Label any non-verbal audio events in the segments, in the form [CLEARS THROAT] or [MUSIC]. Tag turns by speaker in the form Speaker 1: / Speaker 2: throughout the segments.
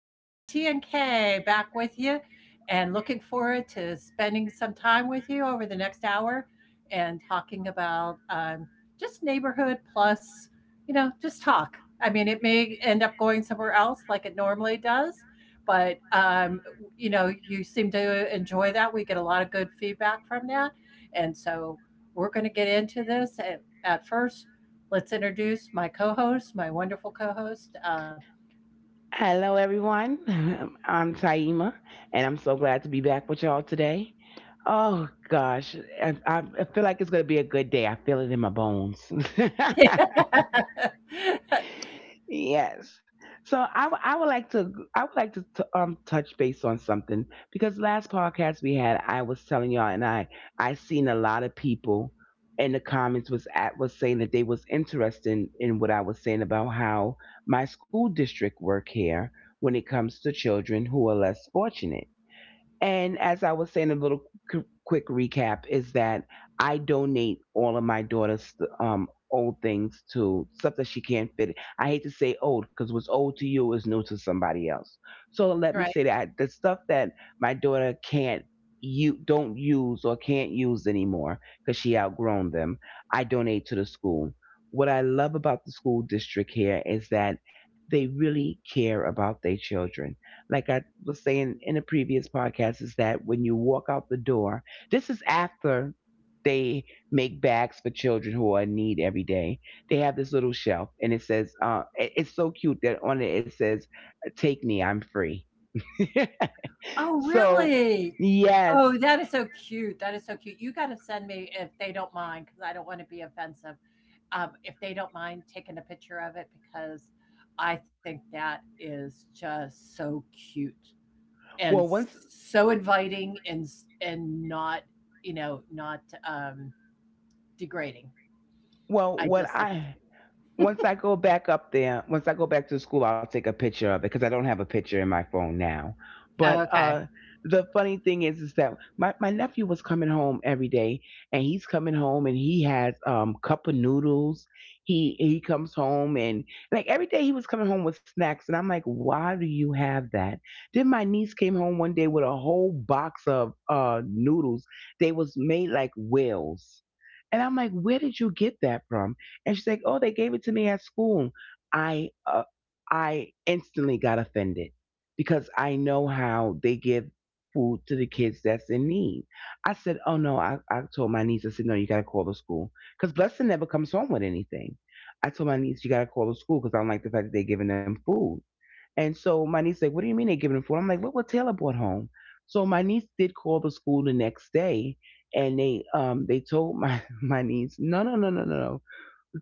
Speaker 1: This is T and K back with you and looking forward to spending some time with you over the next hour and talking about just neighborhood plus, you know, just talk. I mean, it may end up going somewhere else like it normally does, but, you know, you seem to enjoy that. We get a lot of good feedback from that. And so we're going to get into this. And at first, let's introduce my co host, my wonderful co host.
Speaker 2: Hello, everyone. [LAUGHS] I'm Taima, and I'm so glad to be back with y'all today. Oh, gosh. I feel like it's going to be a good day. I feel it in my bones. [LAUGHS]
Speaker 1: [LAUGHS]
Speaker 2: Yes. So I would like to touch base on something, because last podcast we had I was telling y'all, and I seen a lot of people in the comments was saying that they was interested in what I was saying about how my school district work here when it comes to children who are less fortunate. And as I was saying, a little quick recap is that I donate all of my daughter's old things, to stuff that she can't fit. I hate to say old because what's old to you is new to somebody else. So
Speaker 1: Right.
Speaker 2: let me say that the stuff that my daughter can't you don't use or can't use anymore, because she outgrown them, I donate to the school. What I love about the school district here is that they really care about their children, like I was saying in a previous podcast, is that when you walk out the door, this is after they make bags for children who are in need every day. They have this little shelf, and it says, it's so cute, that on it it says, "Take me, I'm free." [LAUGHS]
Speaker 1: Oh,
Speaker 2: So
Speaker 1: really?
Speaker 2: yes.
Speaker 1: Oh, that is so cute. That is so cute. You gotta send me if they don't mind, because I don't wanna be offensive. If they don't mind taking a picture of it because I think that is just so cute and
Speaker 2: well once,
Speaker 1: so inviting and s and not, you know, not, um, degrading.
Speaker 2: well
Speaker 1: I
Speaker 2: what
Speaker 1: just think it's
Speaker 2: I
Speaker 1: cute.
Speaker 2: Once I go back up there, once I go back to school, I'll take a picture of it because I don't have a picture in my phone now. But
Speaker 1: Okay.
Speaker 2: the funny thing is that my nephew was coming home every day, and he's coming home and he has cup of noodles. He comes home, and like every day he was coming home with snacks, and I'm like, why do you have that? Then my niece came home one day with a whole box of noodles. They was made like whales. And I'm like, where did you get that from? And she's like, "Oh, they gave it to me at school." I uh, I instantly got offended because I know how they give food to the kids that's in need. I said, "Oh no." I told my niece, I said, "No, you got to call the school because Blessing never comes home with anything." I told my niece, "You got to call the school because I don't like the fact that they're giving them food." And so my niece like, "What do you mean they're giving them food?" I'm like, "Look what Taylor brought home." So my niece did call the school the next day, and they told my [LAUGHS] my niece, "No, no, no, no, no, no.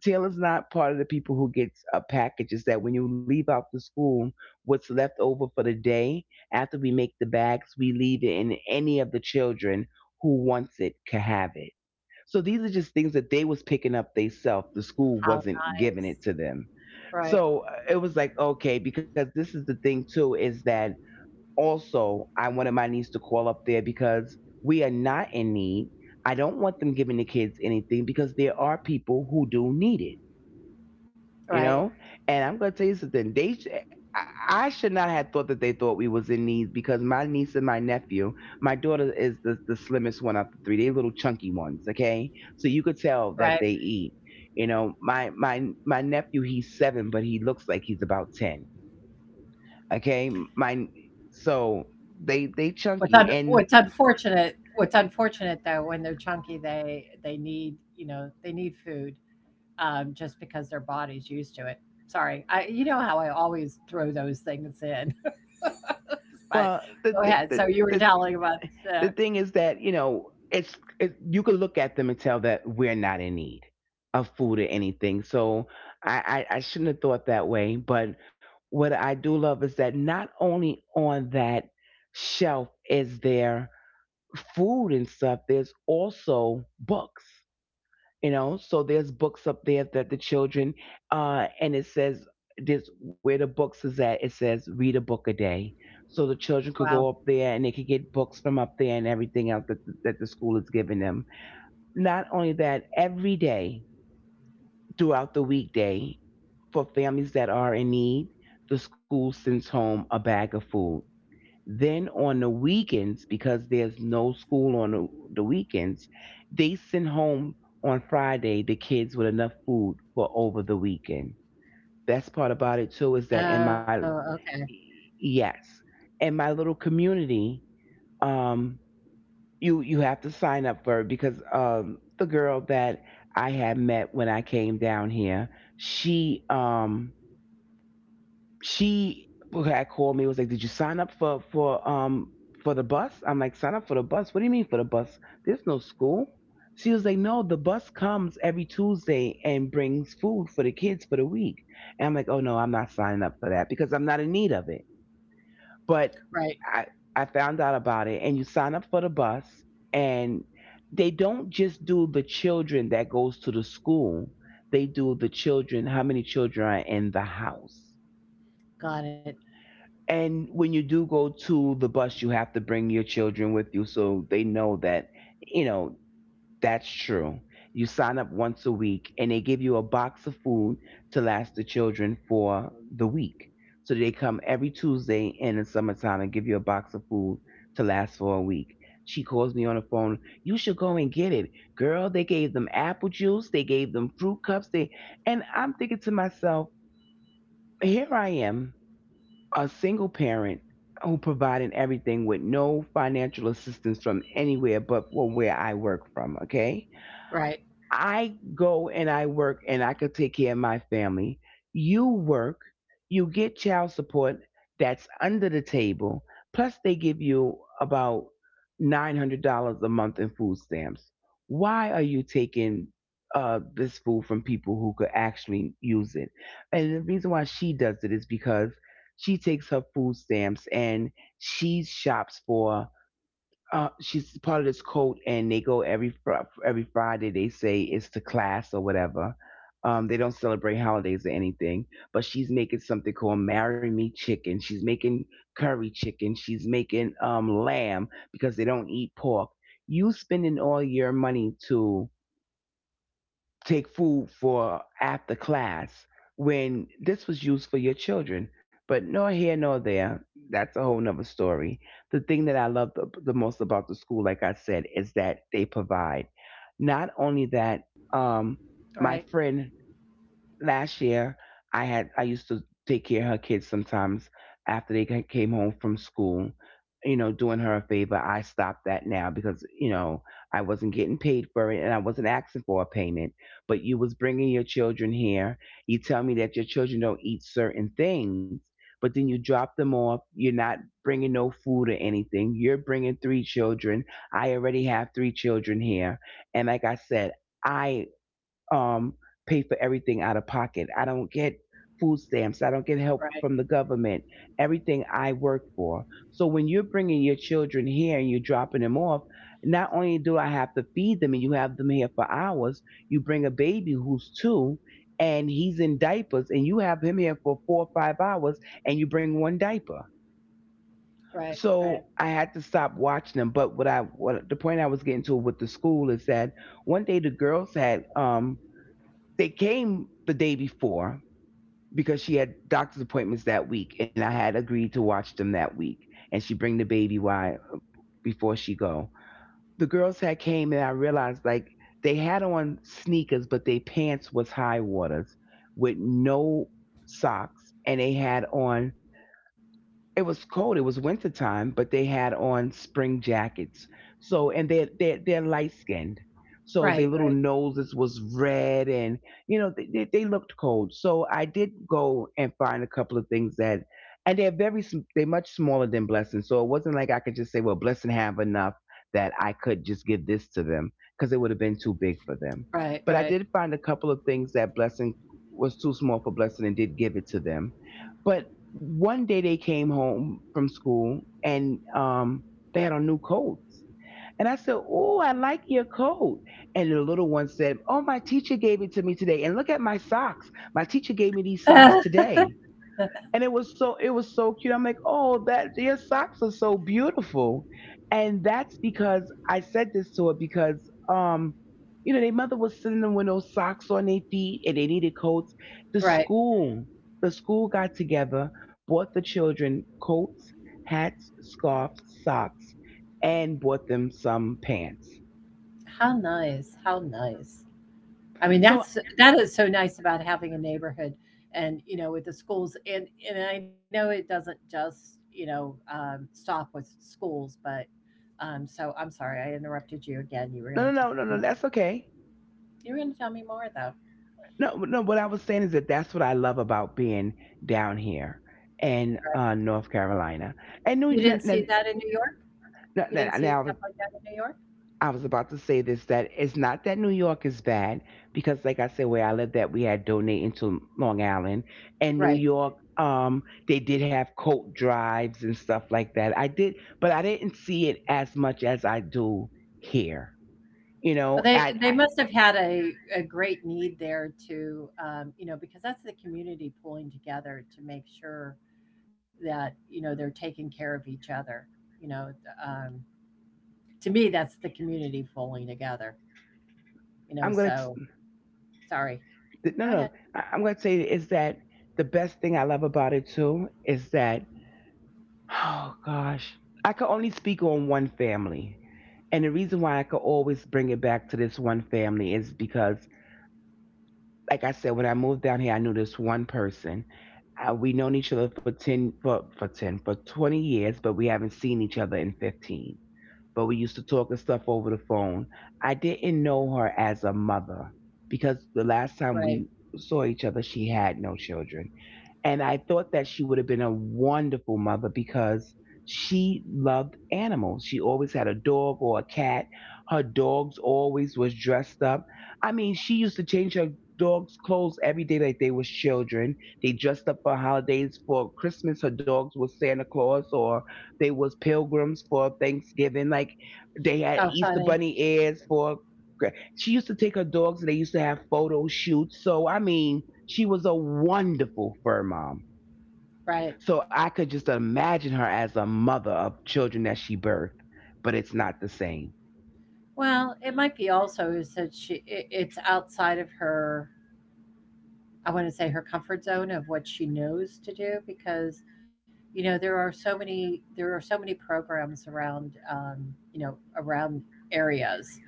Speaker 2: Taylor's not part of the people who gets packages. That when you leave out the school, what's left over for the day after we make the bags, we leave it, and any of the children who wants it can have it. So these are just things that they was picking up themselves. The school
Speaker 1: How
Speaker 2: wasn't giving it to
Speaker 1: nice.
Speaker 2: them." So
Speaker 1: Right,
Speaker 2: it was like okay, because this is the thing too is that also I wanted my niece to call up there, because we are not in need. I don't want them giving the kids anything, because there are people who do need it,
Speaker 1: right,
Speaker 2: you know. And I'm going to tell you something, I should not have thought that they thought we was in need, because my niece and my nephew, my daughter is the slimmest one of the three. They little chunky ones, okay? So you could tell that
Speaker 1: right.
Speaker 2: they eat. You know, my nephew, he's seven, but he looks like he's about ten. Okay. my so They
Speaker 1: What's
Speaker 2: chunky,
Speaker 1: un,
Speaker 2: and
Speaker 1: what's unfortunate what's unfortunate though, when they're chunky, they need, you know, they need food, just because their body's used to it. Sorry, I, you know how I always throw those things in, [LAUGHS] but
Speaker 2: well the
Speaker 1: go
Speaker 2: thing
Speaker 1: ahead.
Speaker 2: the,
Speaker 1: So you were
Speaker 2: the
Speaker 1: telling about uh,
Speaker 2: the thing is that you know you can look at them and tell that we're not in need of food or anything, so I shouldn't have thought that way. But what I do love is that not only on that shelf is there food and stuff, there's also books, you know. So there's books up there that the children and it says, this where the books is at, it says, read a book a day. So the children could
Speaker 1: wow.
Speaker 2: go up there and they could get books from up there, and everything else that that the school is giving them. Not only that, every day throughout the weekday, for families that are in need, the school sends home a bag of food. Then on the weekends, because there's no school on the weekends, they send home on Friday the kids with enough food for over the weekend. Best part about it too is that in my
Speaker 1: Oh, okay,
Speaker 2: yes, in my little community, um, you have to sign up for it because the girl that I had met when I came down here, she um she had called me, was like, did you sign up for the bus? I'm like, sign up for the bus, what do you mean for the bus, there's no school. She was like, no, the bus comes every Tuesday and brings food for the kids for the week. And I'm like, oh no, I'm not signing up for that because I'm not in need of it, but
Speaker 1: right,
Speaker 2: i I found out about it, and you sign up for the bus, and they don't just do the children that goes to the school, they do the children, how many children are in the house.
Speaker 1: got it.
Speaker 2: And when you do go to the bus, you have to bring your children with you so they know that, you know, that's true. You sign up once a week and they give you a box of food to last the children for the week. So they come every Tuesday in the summertime and give you a box of food to last for a week. She calls me on the phone, you should go and get it. Girl, they gave them apple juice, they gave them fruit cups, they and I'm thinking to myself, here I am, a single parent, who provided everything with no financial assistance from anywhere but from where I work from, okay?
Speaker 1: Right,
Speaker 2: I go and I work and I could take care of my family. You work, you get child support that's under the table, plus they give you about $900 a month in food stamps. Why are you taking this food from people who could actually use it? And the reason why she does it is because she takes her food stamps and she shops for she's part of this cult, and they go every every Friday. They say it's to class or whatever. They don't celebrate holidays or anything, but she's making something called "Marry Me Chicken." She's making curry chicken. She's making lamb, because they don't eat pork. You spending all your money to take food for after class, when this was used for your children. But nor here nor there. That's a whole nother story. The thing that I love the most about the school, like I said, is that they provide. Not only that, my
Speaker 1: right,
Speaker 2: friend, last year, I used to take care of her kids sometimes after they came home from school, you know, doing her a favor. I stopped that now, because you know, I wasn't getting paid for it and I wasn't asking for a payment. But you was bringing your children here, you tell me that your children don't eat certain things, but then you drop them off, you're not bringing no food or anything, you're bringing three children. I already have three children here, and like I said, I um, pay for everything out of pocket. I don't get food stamps. I don't get help
Speaker 1: right,
Speaker 2: from the government. Everything I work for. So when you're bringing your children here and you're dropping them off, not only do I have to feed them, and you have them here for hours, you bring a baby who's two and he's in diapers and you have him here for 4 or 5 hours and you bring one diaper.
Speaker 1: right, right,
Speaker 2: So I had to stop watching them. But what the point I was getting to with the school is that one day the girls had they came the day before, because she had doctor's appointments that week, and I had agreed to watch them that week. And she bring the baby wide before she go. The girls had came, and I realized like they had on sneakers, but their pants was high waters with no socks, and they had on it was cold. It was winter time, but they had on spring jackets. So and they are They're light skinned. So
Speaker 1: right,
Speaker 2: their little noses was red, and they looked cold. So I did go and find a couple of things that, and they're much smaller than Blessing. So it wasn't like I could just say, well, Blessing have enough that I could just give this to them because it would have been too big for them.
Speaker 1: right, right,
Speaker 2: But I
Speaker 1: right,
Speaker 2: did find a couple of things that Blessing was too small for Blessing and did give it to them but. One day they came home from school and they had on new coats. And I said, oh, I like your coat. And the little one said, oh, my teacher gave it to me today. And look at my socks. My teacher gave me these
Speaker 1: [LAUGHS]
Speaker 2: socks
Speaker 1: Ah,
Speaker 2: today, and it was so cute. I'm like, oh, that your socks are so beautiful, and that's because I said this to her because their mother was sending them with no socks on their feet and they needed coats. The
Speaker 1: right.
Speaker 2: school, the school got together, bought the children coats, hats, scarves, socks, and bought them some pants.
Speaker 1: How nice! How nice. I mean,
Speaker 2: So
Speaker 1: that's that is so nice about having a neighborhood and, you know, with the schools, and I know it doesn't just, you know, stop with schools, but so I'm sorry I interrupted you again. You were going
Speaker 2: no, no,
Speaker 1: to tell
Speaker 2: no, no,
Speaker 1: me
Speaker 2: no,
Speaker 1: more.
Speaker 2: that's okay.
Speaker 1: You were going to tell me more though.
Speaker 2: No, no. What I was saying is that that's what I love about being down here in
Speaker 1: Right.
Speaker 2: North Carolina.
Speaker 1: You
Speaker 2: And
Speaker 1: didn't
Speaker 2: New, n-
Speaker 1: see
Speaker 2: n-
Speaker 1: that in
Speaker 2: n-
Speaker 1: New York? You
Speaker 2: n-
Speaker 1: didn't see stuff
Speaker 2: now
Speaker 1: like that in New York?
Speaker 2: I was about to say this that it's not that New York is bad because, like I said, where I lived at, we had donating to Long Island and New
Speaker 1: Right.
Speaker 2: York. They did have coat drives and stuff like that. I did, but I didn't see it as much as I do here. You
Speaker 1: Well,
Speaker 2: know,
Speaker 1: they
Speaker 2: I
Speaker 1: must have had a great need there, to you know, because that's the community pulling together to make sure that, you know, they're taking care of each other, you know. um, to me, that's the community pulling together, you know,
Speaker 2: I'm gonna
Speaker 1: so sorry,
Speaker 2: th-
Speaker 1: go
Speaker 2: no,
Speaker 1: ahead.
Speaker 2: no. I, I'm going to say is that the best thing I love about it too is that, oh gosh, I could only speak on one family. And the reason why I could always bring it back to this one family is because, like I said, when I moved down here, I knew this one person. We known each other for 20 years, but we haven't seen each other in 15. But we used to talk and stuff over the phone. I didn't know her as a mother because the last time
Speaker 1: Right.
Speaker 2: we saw each other, she had no children. And I thought that she would have been a wonderful mother because she loved animals. She always had a dog or a cat. Her dogs always was dressed up. I mean, she used to change her dogs' clothes every day like they was children. They dressed up for holidays. For Christmas, her dogs was Santa Claus or they was pilgrims for Thanksgiving. Like they had
Speaker 1: Oh,
Speaker 2: Easter
Speaker 1: funny.
Speaker 2: bunny ears for she used to take her dogs and they used to have photo shoots. So, I mean, she was a wonderful fur mom.
Speaker 1: Right.
Speaker 2: So I could just imagine her as a mother of children that she birthed, but it's not the same.
Speaker 1: Well, it might be also is that she, it, it's outside of her, I want to say, her comfort zone of what she knows to do, because, you know, there are so many, there are so many programs around, you know, around areas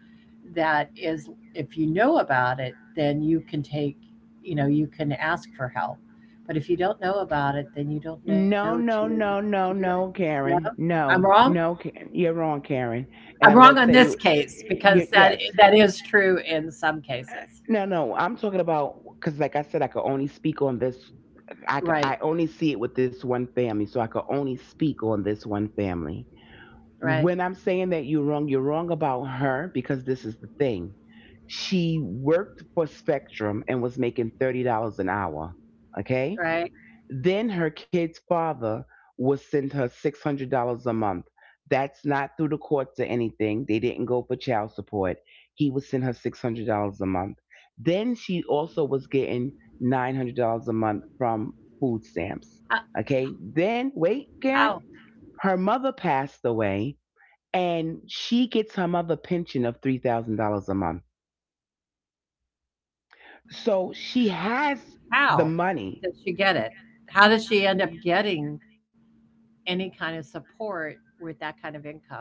Speaker 1: that is, if you know about it, then you can take, you know, you can ask for help, but if you don't know about it, then you don't know
Speaker 2: No, no, no,
Speaker 1: to do
Speaker 2: no,
Speaker 1: it.
Speaker 2: no,
Speaker 1: No,
Speaker 2: Karen.
Speaker 1: I'm
Speaker 2: No,
Speaker 1: wrong.
Speaker 2: no, Karen. You're wrong, Karen.
Speaker 1: I'm
Speaker 2: And I'm
Speaker 1: wrong
Speaker 2: going to
Speaker 1: on
Speaker 2: tell
Speaker 1: this
Speaker 2: you,
Speaker 1: case, because that,
Speaker 2: yes.
Speaker 1: that is true in some cases.
Speaker 2: No, no, I'm talking about, because like I said, I could only speak on this.
Speaker 1: Right,
Speaker 2: I only see it with this one family. So I could only speak on this one family.
Speaker 1: right,
Speaker 2: When I'm saying that you're wrong about her because this is the thing. She worked for Spectrum and was making $30 an hour. Okay?
Speaker 1: right.
Speaker 2: Then her kid's father would send her $600 a month. That's not through the courts or anything. They didn't go for child support. He would send her $600 a month. Then she also was getting $900 a month from food stamps.
Speaker 1: Uh,
Speaker 2: Okay? Then, wait,
Speaker 1: Ow.
Speaker 2: Karen, her mother passed away and she gets her mother pension of $3,000 a month. So she has
Speaker 1: How
Speaker 2: the
Speaker 1: does
Speaker 2: money
Speaker 1: she get it? How does she end up getting any kind of support with that kind of income?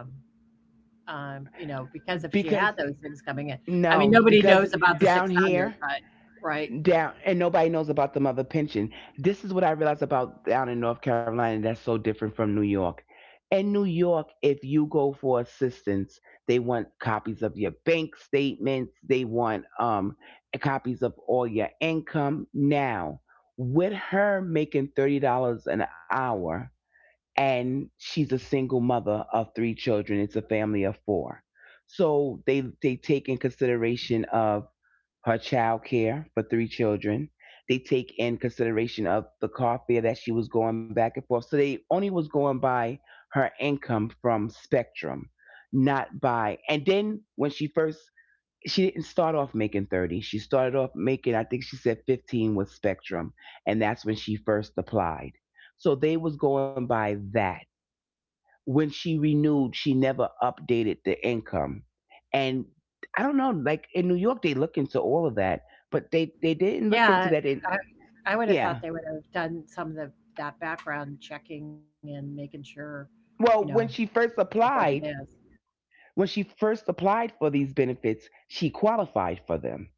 Speaker 1: You know, because if she
Speaker 2: because
Speaker 1: had those things coming in, I mean,
Speaker 2: no,
Speaker 1: nobody knows
Speaker 2: because
Speaker 1: about the
Speaker 2: down
Speaker 1: 600,
Speaker 2: here,
Speaker 1: but right.
Speaker 2: down and nobody knows about the mother pension. This is what I realized about down in North Carolina that's so different from New York. In New York, if you go for assistance, they want copies of your bank statements, they want copies of all your income now. With her making $30 an hour, and she's a single mother of three children. It's a family of four. So they take in consideration of her child care for three children. They take in consideration of the car fare that she was going back and forth. So they only was going by her income from Spectrum, not by. And then when she first she didn't start off making 30. She started off making I think she said 15 with Spectrum and that's when she first applied. So they was going by that when she renewed, she never updated the income. And I don't know, like in New York, they look into all of that, but they didn't look into
Speaker 1: Yeah.
Speaker 2: that. In,
Speaker 1: I, I would have thought
Speaker 2: yeah.
Speaker 1: they would have done some of the, that background checking and making sure, you know,
Speaker 2: Well,
Speaker 1: of what it is.
Speaker 2: when she first applied for these benefits, she qualified for them.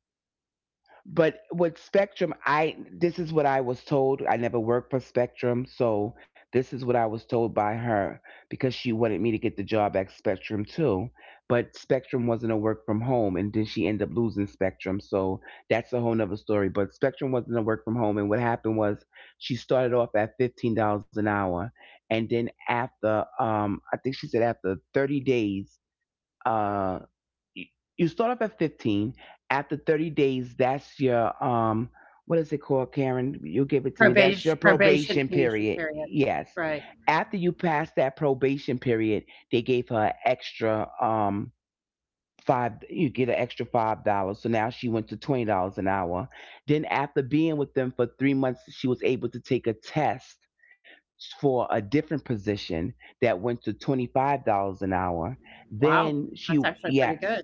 Speaker 2: But with Spectrum, I this is what I was told. I never worked for Spectrum, so this is what I was told by her because she wanted me to get the job at Spectrum too. But Spectrum wasn't a work from home, and then she ended up losing Spectrum, so that's a whole nother story. But Spectrum wasn't a work from home, and what happened was she started off at $15 an hour, and then after I think she said after 30 days. Uh you you start off at 15. After 30 days that's your what is it called, Karen, you give it to me,
Speaker 1: Probation,
Speaker 2: that's your
Speaker 1: probation
Speaker 2: probation
Speaker 1: period.
Speaker 2: period,
Speaker 1: Period.
Speaker 2: yes.
Speaker 1: Right.
Speaker 2: After you pass that probation period, they gave her an extra five you get an extra $5, so now she went to $20 an hour. Then after being with them for 3 months she was able to take a test for a different position that went to $25 an hour.
Speaker 1: Wow.
Speaker 2: Then she
Speaker 1: That's actually pretty
Speaker 2: Yes.
Speaker 1: good.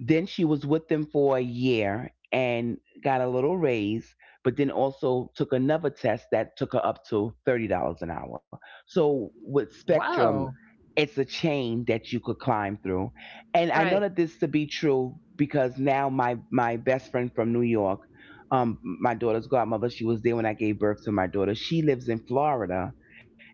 Speaker 2: Then she was with them for a year and got a little raise, but then also took another test that took her up to $30 an hour. So with
Speaker 1: Wow.
Speaker 2: Spectrum, it's a chain that you could climb through. And I know
Speaker 1: Right.
Speaker 2: that this to be true because now my best friend from New York, my daughter's godmother, she was there when I gave birth to my daughter. She lives in Florida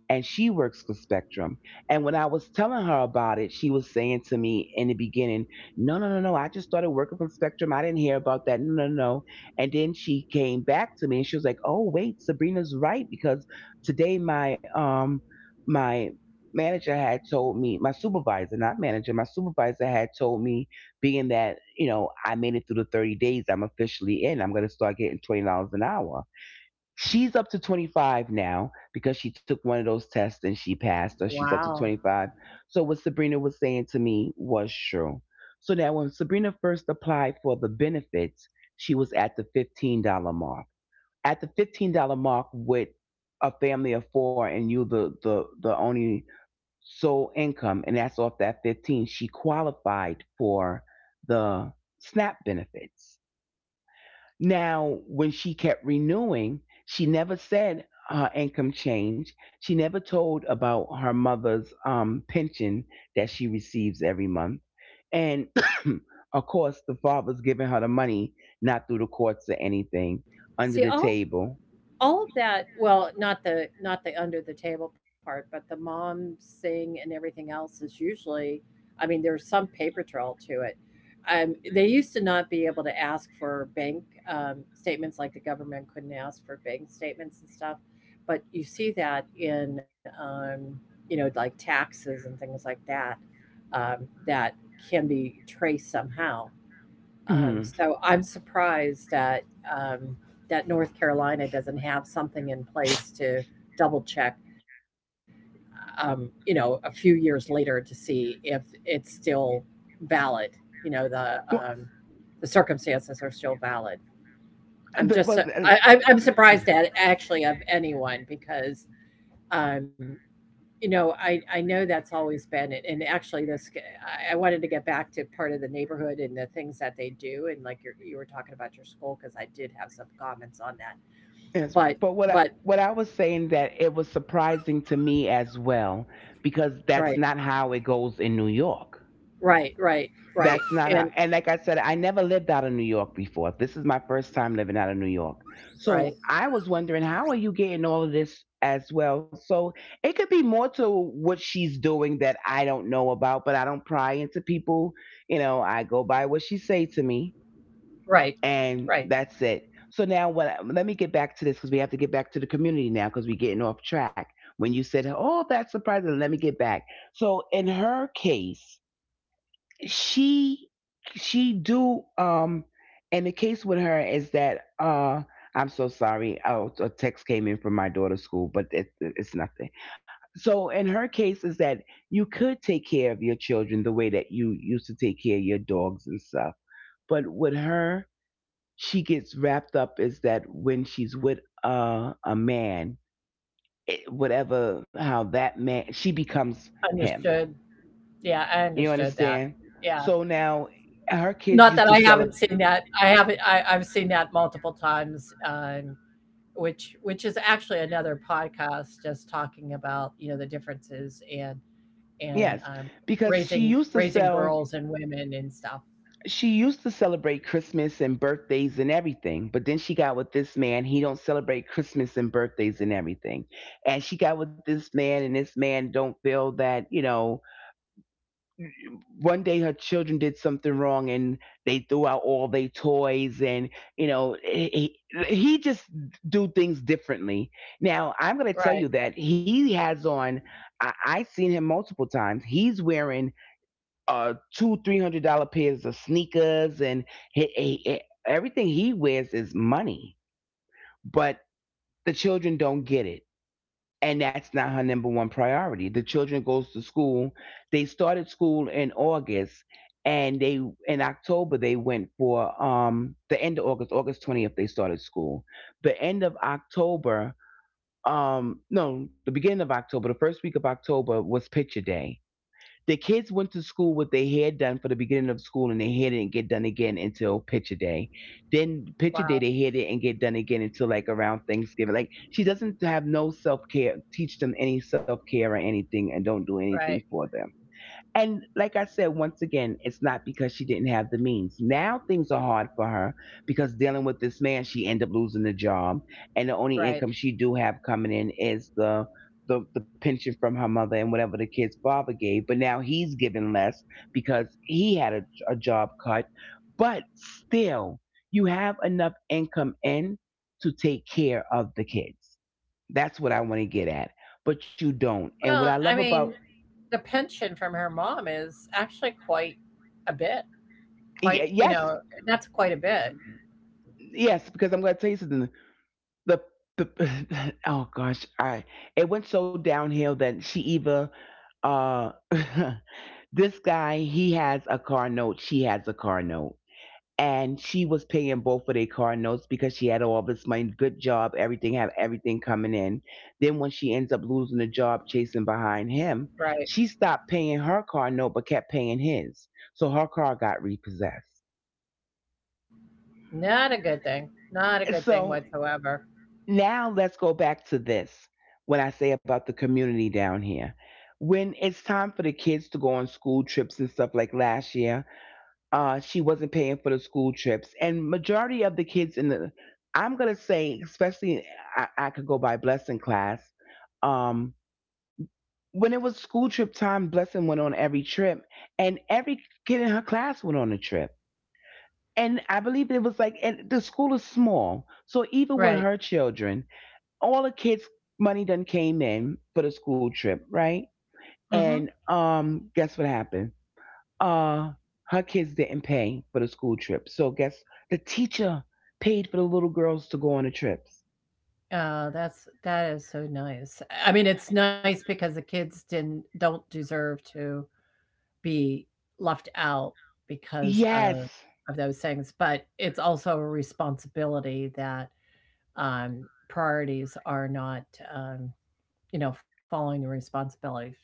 Speaker 2: and she works for Spectrum. And when I was telling her about it, she was saying to me in the beginning, no, no, no, no. I just started working for Spectrum. I didn't hear about that. No, no, no. And then she came back to me and she was like, oh, wait, Sabrina's right. Because today my my manager had told me, my supervisor, not manager, my supervisor had told me, being that, you know, I made it through the 30 days, I'm officially in. I'm gonna start getting $20 an hour. She's up to 25 now because she took one of those tests and she passed us. She's up to
Speaker 1: Wow.
Speaker 2: 25. So, what Sabrina was saying to me was true. So, now when Sabrina first applied for the benefits, she was at the $15 mark. At the $15 mark with a family of four and you the only sole income, and that's off that 15, she qualified for the SNAP benefits. Now, when she kept renewing, she never said her income changed. She never told about her mother's pension that she receives every month. And [COUGHS] [CLEARS THROAT] of course, the father's giving her the money, not through the courts or anything,
Speaker 1: See,
Speaker 2: under the
Speaker 1: all
Speaker 2: table.
Speaker 1: all of that, well, not the, not the under the table part, but the mom sing and everything else is usually, I mean, there's some paper trail to it. They used to not be able to ask for bank, um, statements, like the government couldn't ask for bank statements and stuff, but you see that in, you know, like taxes and things like that. That can be traced somehow.
Speaker 2: Mhm.
Speaker 1: So I'm surprised that um, that North Carolina doesn't have something in place to double check, you know, a few years later, to see if it's still valid. You know, um,
Speaker 2: Well,
Speaker 1: the circumstances are still valid. I'm
Speaker 2: but,
Speaker 1: just
Speaker 2: but, uh,
Speaker 1: I, I'm surprised at actually of anyone, because um, you know, I know that's always been it, and actually this g I wanted to get back to part of the neighborhood and the things that they do, and like you're, you were talking about your school, because I did have some comments on that.
Speaker 2: yes, but
Speaker 1: But but
Speaker 2: what I was saying that it was surprising to me as well because that's
Speaker 1: right,
Speaker 2: not how it goes in New York.
Speaker 1: right, right,
Speaker 2: That's
Speaker 1: right,
Speaker 2: not how.
Speaker 1: and
Speaker 2: And like I said, I never lived out of New York before. This is my first time living out of New York. So
Speaker 1: right,
Speaker 2: I was wondering, how are you getting all of this as well? So it could be more to what she's doing that I don't know about, but I don't pry into people. You know, I go by what she say to me,
Speaker 1: right,
Speaker 2: and
Speaker 1: right.
Speaker 2: that's it. So now, what? Let me get back to this because we have to get back to the community now because we're getting off track. When you said, "Oh, that's surprising," let me get back. So in her case, she she do. And the case with her is that, I'm so sorry, oh, a text came in from my daughter's school, but it's nothing. So in her case is that you could take care of your children the way that you used to take care of your dogs and stuff, but with her, she gets wrapped up is that when she's with a man, whatever how that man, she becomes him.
Speaker 1: Understood. Yeah, I
Speaker 2: You
Speaker 1: understood that.
Speaker 2: understand?
Speaker 1: Yeah.
Speaker 2: So now her kids
Speaker 1: Not
Speaker 2: used
Speaker 1: that
Speaker 2: to
Speaker 1: I haven't
Speaker 2: celebrate.
Speaker 1: seen that. I haven't, I, I've seen that multiple times, which is actually another podcast just talking about, you know, the differences, and and
Speaker 2: Yes,
Speaker 1: um,
Speaker 2: because she
Speaker 1: raising,
Speaker 2: used to
Speaker 1: raising
Speaker 2: sell.
Speaker 1: girls and women and stuff.
Speaker 2: She used to celebrate Christmas and birthdays and everything, but then she got with this man. He don't celebrate Christmas and birthdays and everything, and she got with this man, and this man don't feel that, one day her children did something wrong and they threw out all their toys, and you know he, he just do things differently. Now I'm going to tell
Speaker 1: Right.
Speaker 2: you that he has on I seen him multiple times, he's wearing two three hundred dollar pairs of sneakers, and everything he wears is money. But the children don't get it, and that's not her number one priority. The children goes to school. They started school in August, and they, in October they went for, the end of August. August 20th they started school. The end of October, no, the beginning of October, the first week of October was picture day. The kids went to school with their hair done for the beginning of school, and their hair didn't get done again until picture day. Then picture
Speaker 1: Wow.
Speaker 2: day, their hair didn't get done again until like around Thanksgiving. Like, she doesn't have no self care, teach them any self care or anything, and don't do
Speaker 1: Right.
Speaker 2: anything for them. And like I said, once again, it's not because she didn't have the means. Now things are hard for her because, dealing with this man, she ended up losing the job, and the only
Speaker 1: Right.
Speaker 2: income she do have coming in is the pension from her mother and whatever the kid's father gave. But now he's giving less because he had a job cut. But still, you have enough income in to take care of the kids. That's what I want to get at. But you don't. And what
Speaker 1: Well,
Speaker 2: I
Speaker 1: I
Speaker 2: love about,
Speaker 1: mean, the pension from her mom is actually quite a bit. Quite, you
Speaker 2: yes.
Speaker 1: know, that's quite a bit.
Speaker 2: Yes, because I'm going to tell you something. The, the, [LAUGHS] oh gosh, I, it went so downhill that she either, uh [LAUGHS] this guy, he has a car note, she has a car note, and she was paying both of their car notes because she had all this money, good job, everything, have everything coming in. Then when she ends up losing the job, chasing behind him,
Speaker 1: Right.
Speaker 2: she stopped paying her car note but kept paying his, so her car got repossessed.
Speaker 1: Not a good thing. Not a good thing
Speaker 2: So.
Speaker 1: whatsoever.
Speaker 2: Now let's go back to this. When I say about the community down here. When it's time for the kids to go on school trips and stuff, like last year, she wasn't paying for the school trips, and majority of the kids in the, I'm gonna say, especially I could go by Blessing class. Um, when it was school trip time, Blessing went on every trip, and every kid in her class went on a trip. And I believe it was like, and the school is small, so even with
Speaker 1: Right.
Speaker 2: her children, all the kids' money done came in for the school trip, right?
Speaker 1: Hmm.
Speaker 2: And guess what happened? Uh, her kids didn't pay for the school trip. So guess, the teacher paid for the little girls to go on the trips.
Speaker 1: Oh, that's that is so nice. I mean, it's nice because the kids didn't, don't deserve to be left out because
Speaker 2: Yes.
Speaker 1: of those things, but it's also a responsibility that, um, priorities are not, um, you know, following the responsibility. So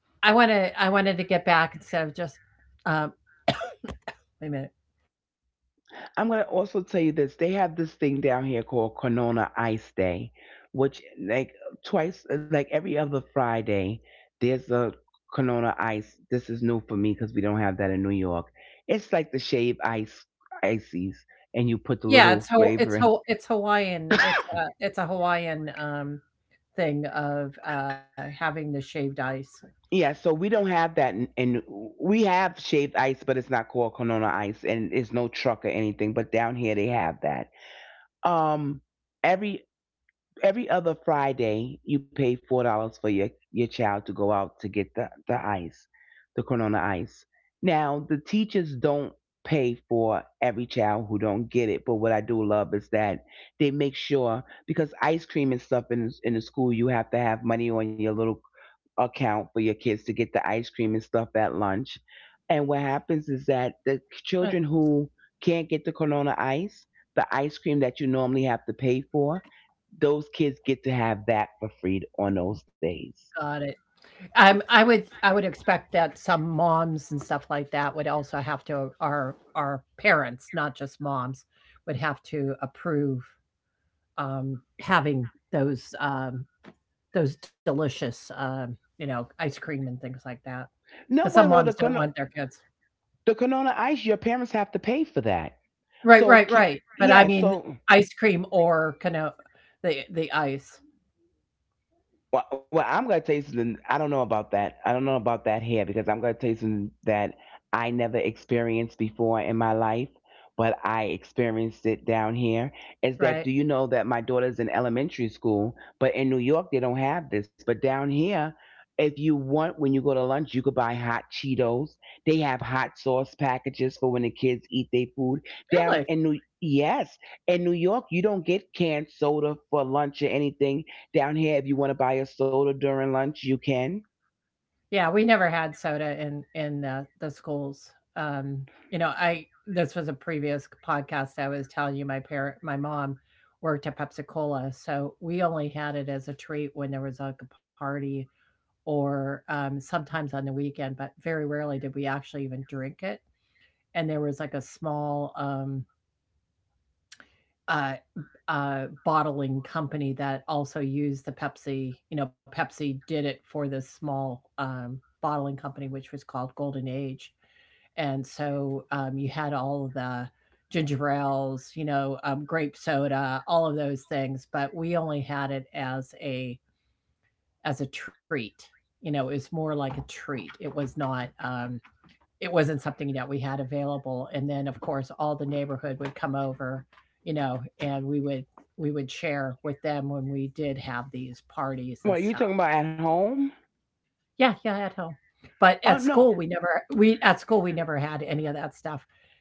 Speaker 1: I want to, I wanted to get back instead of just uh, wait a minute.
Speaker 2: I'm going to also tell you this. They have this thing down here called Corona Ice Day, which, like, twice, like every other Friday, there's a Corona Ice. This is new for me because we don't have that in New York. It's like the shave ice, ices, and you put the
Speaker 1: Yeah,
Speaker 2: little flavor in.
Speaker 1: it's Hawaiian. It's a Hawaiian thing of having the shaved ice.
Speaker 2: Yeah, so we don't have that, we have shaved ice, but it's not called Corona Ice, and it's no truck or anything. But down here they have that. Um, every every other Friday, you pay $4 for your child to go out to get the ice, the Corona ice. Now the teachers don't pay for every child who don't get it, but what I do love is that they make sure, because ice cream and stuff in the school, you have to have money on your little account for your kids to get the ice cream and stuff at lunch. And what happens is that the children
Speaker 1: Uh,
Speaker 2: who can't get the Corona ice, the ice cream that you normally have to pay for, those kids get to have that for free on those days.
Speaker 1: Got it. I would, I would expect that some moms and stuff like that would also have to, our parents, not just moms, would have to approve, having those delicious, you know, ice cream and things like that.
Speaker 2: No,
Speaker 1: 'Cause some
Speaker 2: well,
Speaker 1: moms don't want their kids.
Speaker 2: The Corona ice, your parents have to pay for that.
Speaker 1: Right, right,
Speaker 2: So,
Speaker 1: right. But I
Speaker 2: yeah,
Speaker 1: mean,
Speaker 2: so.
Speaker 1: ice cream, or kind of the ice.
Speaker 2: Well, I'm gonna tell you something. I don't know about that. I don't know about that here because I'm gonna tell you something that I never experienced before in my life, but I experienced it down here. Is that,
Speaker 1: Right.
Speaker 2: do you know that my daughter's in elementary school, but in New York they don't have this, but down here. If you want, when you go to lunch, you could buy hot Cheetos. They have hot sauce packages for when the kids eat their food.
Speaker 1: Really?
Speaker 2: Yes, in New York, you don't get canned soda for lunch or anything. Down here, if you want to buy a soda during lunch, you can.
Speaker 1: Yeah, we never had soda in the schools. Um, you know, I, this was a previous podcast I was telling you. My parent, my mom worked at Pepsi Cola, so we only had it as a treat when there was like a party or sometimes on the weekend, but very rarely did we actually even drink it. And there was like a small uh, bottling company that also used the Pepsi. You know, Pepsi did it for this small bottling company, which was called Golden Age. And so you had all of the ginger ales, you know, grape soda, all of those things. But we only had it as a, as a treat. You know, it was more like a treat. It was not it wasn't something that we had available. And then of course all the neighborhood would come over, you know, and we would, we would share with them when we did have these parties and
Speaker 2: What
Speaker 1: stuff.
Speaker 2: you talking about, at home?
Speaker 1: Yeah, yeah, at home. But at
Speaker 2: Oh
Speaker 1: school, we
Speaker 2: no.
Speaker 1: never, we, at school we never had any of that stuff.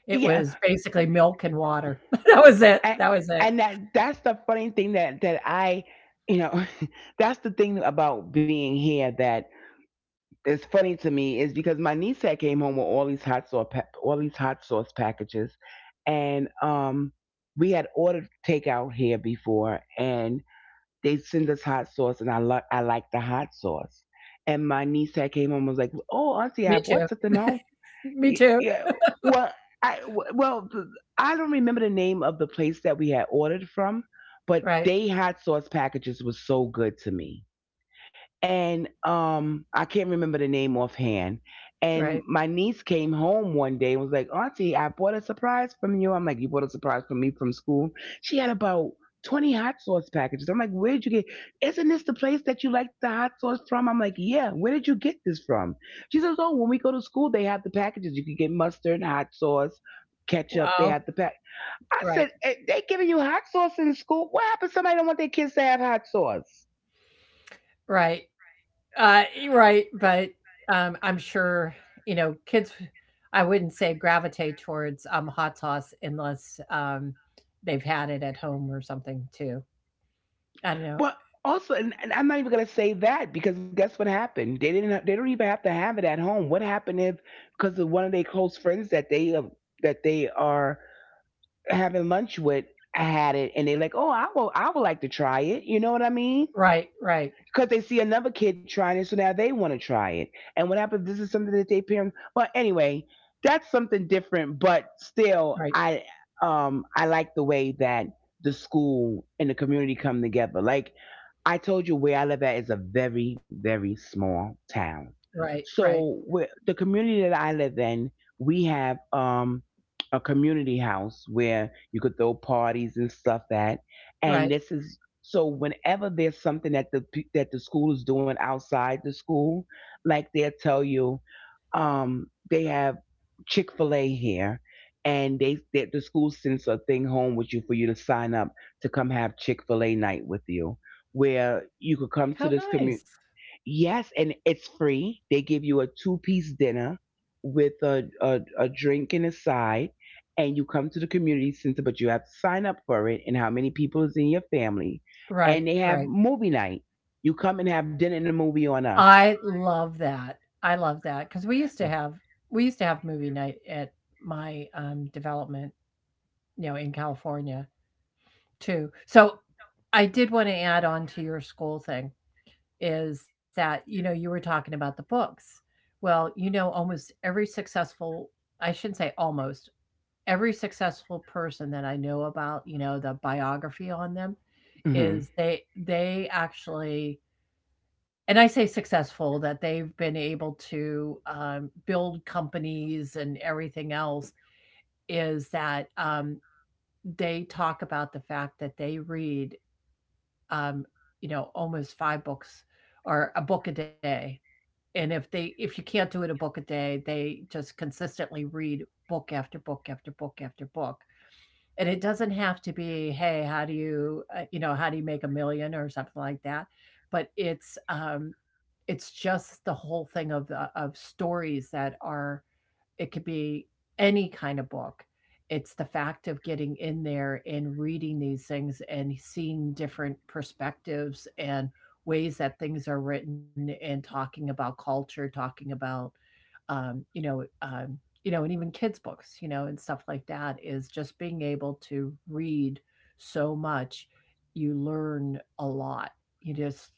Speaker 1: It
Speaker 2: Yeah,
Speaker 1: was basically milk and water. [LAUGHS] That was it.
Speaker 2: and,
Speaker 1: That was it.
Speaker 2: and that's the funny thing, that you know, [LAUGHS] that's the thing about being here that is funny to me, is because my niece had came home with all these all these hot sauce packages, and we had ordered takeout here before, and they send us hot sauce, and I like the hot sauce. And my niece had came home and was like, "Oh, auntie, I
Speaker 1: Me too.
Speaker 2: bought something home."
Speaker 1: Me
Speaker 2: Yeah,
Speaker 1: too.
Speaker 2: yeah. Well, I well I don't remember the name of the place that we had ordered from, but
Speaker 1: Right.
Speaker 2: they hot sauce packages was so good to me, and I can't remember the name offhand. And
Speaker 1: Right.
Speaker 2: my niece came home one day and was like, "Auntie, I bought a surprise from you." I'm like, "You bought a surprise from me from school." She had about 20 hot sauce packages. I'm like, "Where did you get? Isn't this the place that you like the hot sauce from?" I'm like, "Yeah, where did you get this from?" She says, "Oh, when we go to school, they have the packages. You can get mustard, hot sauce, ketchup. They have the
Speaker 1: Wow.
Speaker 2: pack." I said,
Speaker 1: Right.
Speaker 2: "Eh, they giving you hot sauce in school? What happens? Somebody don't want their kids to have hot sauce."
Speaker 1: Right. E right, but, I'm sure, you know, kids, I wouldn't say, gravitate towards, hot sauce unless, they've had it at home or something too. I don't
Speaker 2: Well,
Speaker 1: know.
Speaker 2: also, and I'm not even gonna say that, because guess what happened? They didn't. They don't even have to have it at home. What happened, if because of one of their close friends that they are having lunch with had it, and they're like, "Oh, I will. I would like to try it." You know what I mean?
Speaker 1: Right, right,
Speaker 2: Because they see another kid trying it, so now they want to try it. And what happens? This is something that they parents. Well, anyway, that's something different, but still,
Speaker 1: right,
Speaker 2: I like the way that the school and the community come together. Like I told you, where I live at is a very very small town.
Speaker 1: right, right,
Speaker 2: So where the community that I live in, we have a community house where you could throw parties and stuff at, and this
Speaker 1: right.
Speaker 2: is so whenever there's something that that the school is doing outside the school, like they'll tell you, they have Chick Fil A here, and the school sends a thing home with you for you to sign up to come have Chick Fil A night with you, where you could come to
Speaker 1: How
Speaker 2: this community.
Speaker 1: nice.
Speaker 2: Yes, and it's free. They give you a two-piece dinner with a drink and a side, and you come to the community center, but you have to sign up for it and how many people is in your family. And they
Speaker 1: Right,
Speaker 2: have
Speaker 1: right.
Speaker 2: movie night. You come and have dinner and a movie on us.
Speaker 1: I love that. I love that, because we used to have, we used to have movie night at my, development, you know, in California. Too. So, I did wanna add on to your school thing, is that, you know, you were talking about the books. Well, you know, almost every successful, I shouldn't say almost, every successful person that I know about, you know, the biography on them,
Speaker 2: Mm-hmm.
Speaker 1: is they actually, and I say successful, that they've been able to, build companies and everything else, is that, they talk about the fact that they read, um, you know, almost five books or a book a day. And if they, if you can't do it a book a day, they just consistently read book after book after book after book. And it doesn't have to be, hey, how do you, you know, how do you make a million or something like that. But it's, it's just the whole thing of the, of stories that are, it could be any kind of book. It's the fact of getting in there and reading these things and seeing different perspectives, and ways that things are written, and talking about culture, talking about, um, you know, um, you know, and even kids' books, you know, and stuff like that, is just being able to read so much, you learn a lot. You just,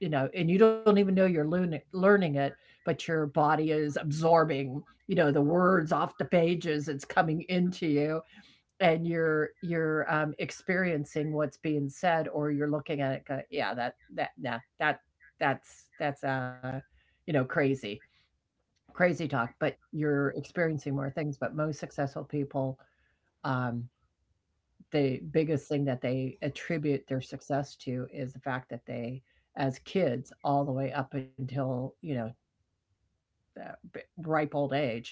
Speaker 1: you know, and you don't even know you're learning, learning it, but your body is absorbing, you know, the words off the pages. It's coming into you, and you're experiencing what's being said, or you're looking at it. Go, yeah, that, that, nah, that, that's, you know, crazy, crazy talk, but you're experiencing more things. But most successful people, um, the biggest thing that they attribute their success to is the fact that they, as kids, all the way up until, you know, uh, b- ripe old age,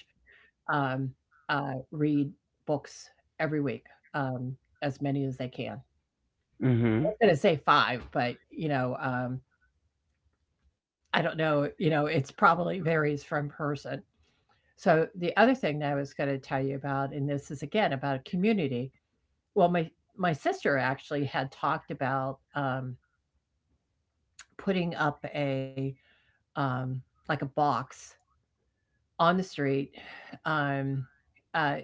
Speaker 1: um, read books every week, um, as many as they can. I
Speaker 2: Mm-hmm.
Speaker 1: was going to say five, but, I don't know, it's probably varies from person. So the other thing that I was going to tell you about, and this is again about a community. Well, my sister actually had talked about putting up a um, like a box on the street. Um, uh,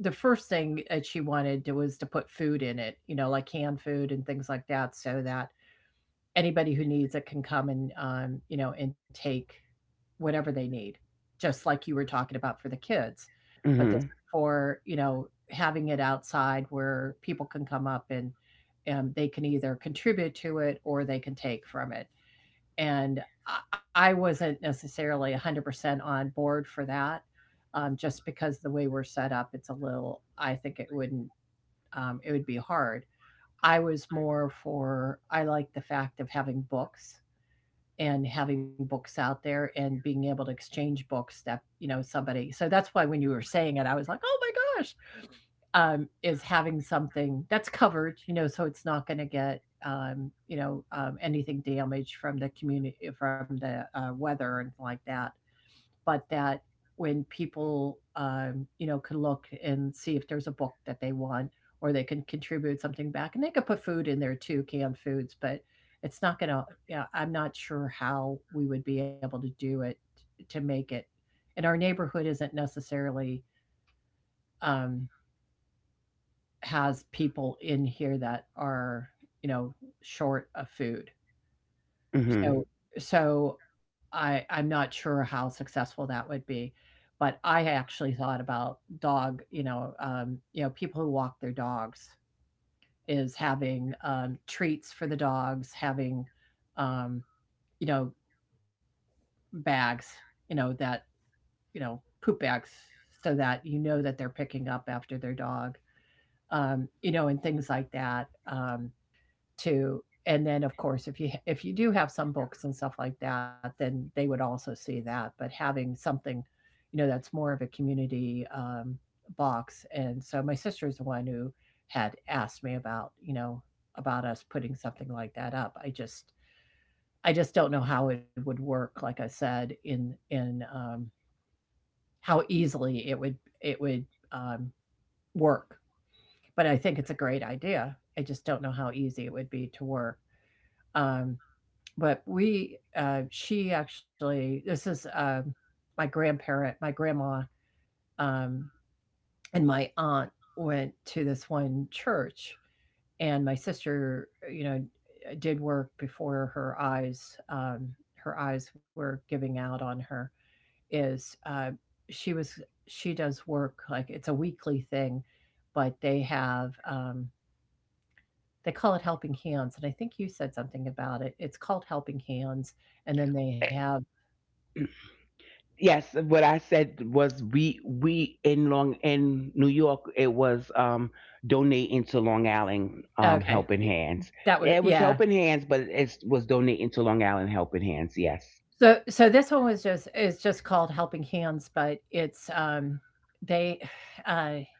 Speaker 1: the first thing that she wanted to, was to put food in it, you know, like canned food and things like that, so that anybody who needs it can come and you know and take whatever they need, just like you were talking about for the kids. But this
Speaker 2: Mm-hmm.
Speaker 1: is for, you know, having it outside where people can come up and they can either contribute to it or they can take from it. And I wasn't necessarily 100% on board for that, just because the way we're set up, it's a little, I think it wouldn't, it would be hard. I was more for, I like the fact of having books and having books out there and being able to exchange books that you know somebody, so that's why when you were saying it, I was like, oh my gosh. Is having something that's covered, you know, so it's not going to get anything damaged from the community, from the weather and like that, but that when people can look and see if there's a book that they want, or they can contribute something back and they could put food in there too, canned foods, but it's not gonna, yeah, I'm not sure how we would be able to do it, to make it. And our neighborhood isn't necessarily, um, has people in here that are, you know, short of food.
Speaker 2: Mm-hmm.
Speaker 1: So so I'm not sure how successful that would be, but I actually thought about dog, you know, people who walk their dogs, is having, treats for the dogs, having, um, you know, bags, you know, that, you know, poop bags so that you know that they're picking up after their dog, you know, and things like that. To, and then of course if you, if you do have some books and stuff like that, then they would also see that, but having something, you know, that's more of a community, box. And so my sister is the one who had asked me about, you know, about us putting something like that up. I just, I just don't know how it would work, like I said, in how easily it would, it would um, work. But I think it's a great idea. I just don't know how easy it would be to work, um, but we, she actually, this is my grandparent, my grandma, um, and my aunt went to this one church, and my sister, you know, did work before um, her eyes were giving out on her. Is she was, she does work like it's a weekly thing, but they have they call it Helping Hands, and I think you said something about it. It's called Helping Hands, and then they have.
Speaker 2: Yes, what I said was, we in New York, it was donating to Long Island Helping
Speaker 1: Okay, y,
Speaker 2: Hands. Yeah,
Speaker 1: that
Speaker 2: it
Speaker 1: was,
Speaker 2: was Helping
Speaker 1: yeah.
Speaker 2: Hands, but it was donating to Long Island Helping Hands. Yes.
Speaker 1: So so this one was just, it's just called Helping Hands, but it's, they [SIGHS] uh,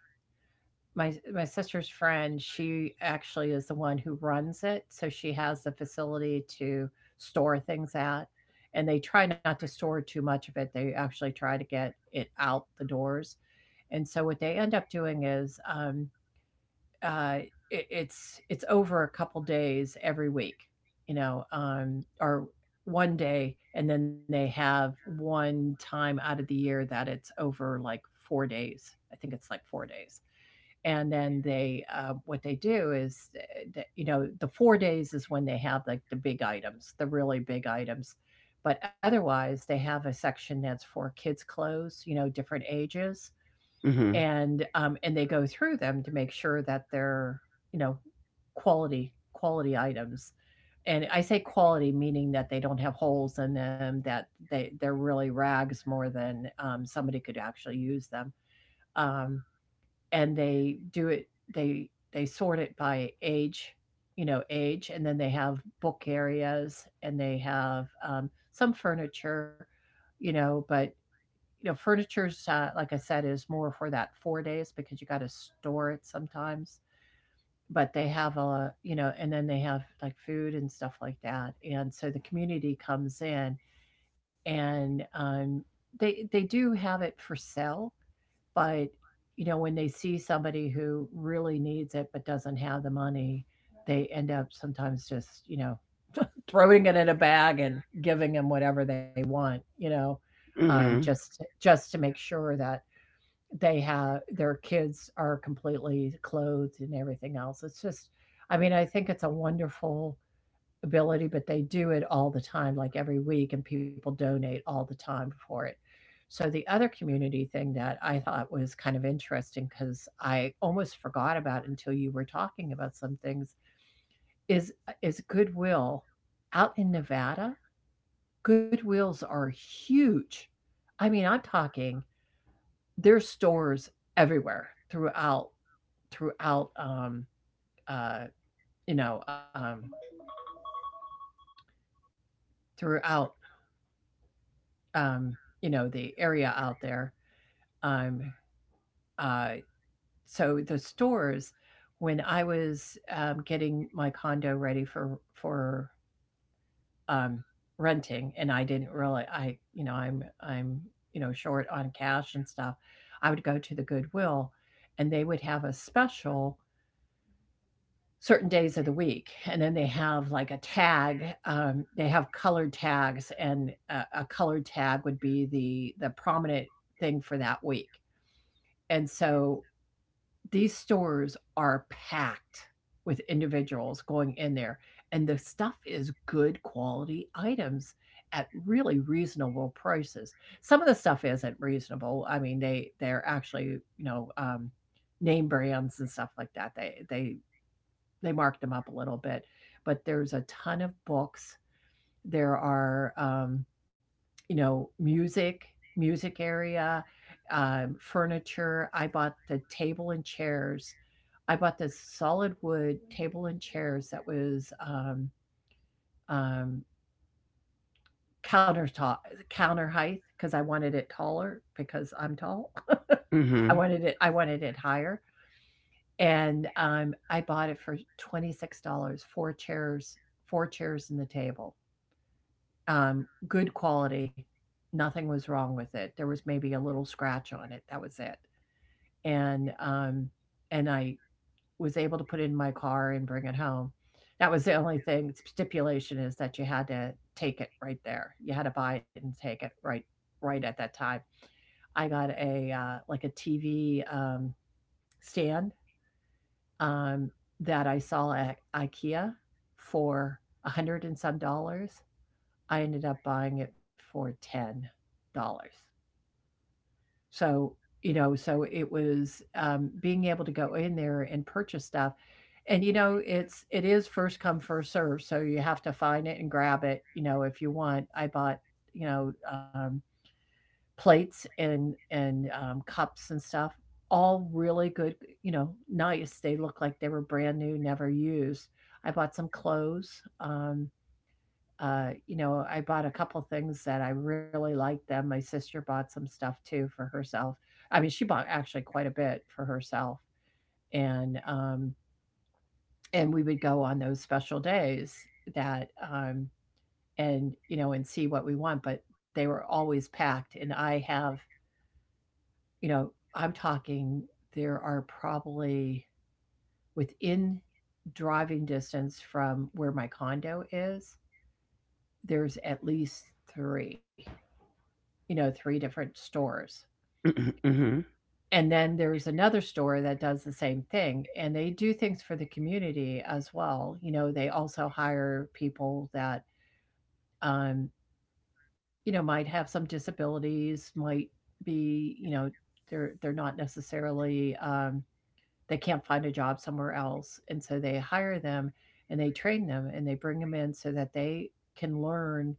Speaker 1: my my sister's friend, she actually is the one who runs it, so she has the facility to store things at, and they try not to store too much of it, they actually try to get it out the doors. And so what they end up doing is, uh, it's over a couple days every week, you know, or one day, and then they have one time out of the year that it's over like 4 days. I think it's like 4 days, and then they what they do is, you know, the 4 days is when they have like the big items, the really big items. But otherwise, they have a section that's for kids' clothes, you know, different ages,
Speaker 2: Mhm.
Speaker 1: and they go through them to make sure that they're, you know, quality items. And I say quality meaning that they don't have holes in them, that they're really rags more than somebody could actually use them. Um, and they do it, they they sort it by age, you know, age, and then they have book areas and they have some furniture, you know, but you know, furniture's like I said is more for that 4 days because you got to store it sometimes. But they have a, you know, and then they have like food and stuff like that, and so the community comes in and they do have it for sale, but you know when they see somebody who really needs it but doesn't have the money, they end up sometimes just you know throwing it in a bag and giving them whatever they want, you know,
Speaker 2: Mhm.
Speaker 1: just to make sure that they have, their kids are completely clothed and everything else. It's just, I mean, I think it's a wonderful ability, but they do it all the time, like every week, and people donate all the time for it. So the other community thing that I thought was kind of interesting, because I almost forgot about it until you were talking about some things, is Goodwill out in Nevada. Goodwills are huge. I mean, I'm talking, there's stores everywhere throughout um, uh, you know um, throughout, um, the area out there. Um, uh, so the stores, when I was getting my condo ready for um, renting, and I didn't really, I, you know, I'm you know short on cash and stuff, I would go to the Goodwill, and they would have a special certain days of the week, and then they have like a tag, they have colored tags, and a colored tag would be the prominent thing for that week. And so these stores are packed with individuals going in there, and the stuff is good quality items at really reasonable prices. Some of the stuff isn't reasonable, I mean they're actually, you know, name brands and stuff like that, they marked them up a little bit, but there's a ton of books. There are, you know, music, music area, furniture. I bought the table and chairs. I bought this solid wood table and chairs that was um, countertop, counter height, because I wanted it taller because I'm tall. [LAUGHS] I
Speaker 2: Mhm.
Speaker 1: wanted it. I wanted it higher, and I bought it for $26. Four chairs and the table. Good quality. Nothing was wrong with it. There was maybe a little scratch on it. That was it. And um, and I was able to put it in my car and bring it home. That was the only thing stipulation is that you had to take it right there. You had to buy it and take it right at that time. I got a like a TV stand, um, that I saw at IKEA for $100 and some. I ended up buying it for $10. So, you know, so it was being able to go in there and purchase stuff, and you know, it's, it is first come first serve. So you have to find it and grab it. You know, if you want, I bought, you know um, plates and cups and stuff. All really good, you know, nice. They look like they were brand new, never used. I bought some clothes. You know, I bought a couple things that I really liked them. My sister bought some stuff too for herself. I mean, she bought actually quite a bit for herself, and um, and we would go on those special days that and you know and see what we want. But they were always packed, and I have, you know, I'm talking, there are probably within driving distance from where my condo is, there's at least three, you know, three different stores.
Speaker 2: Mhm. Mhm.
Speaker 1: And then there's another store that does the same thing, and they do things for the community as well. You know, they also hire people that um, you know, might have some disabilities, might be, you know, they're not necessarily um, they can't find a job somewhere else. And so they hire them and they train them and they bring them in so that they can learn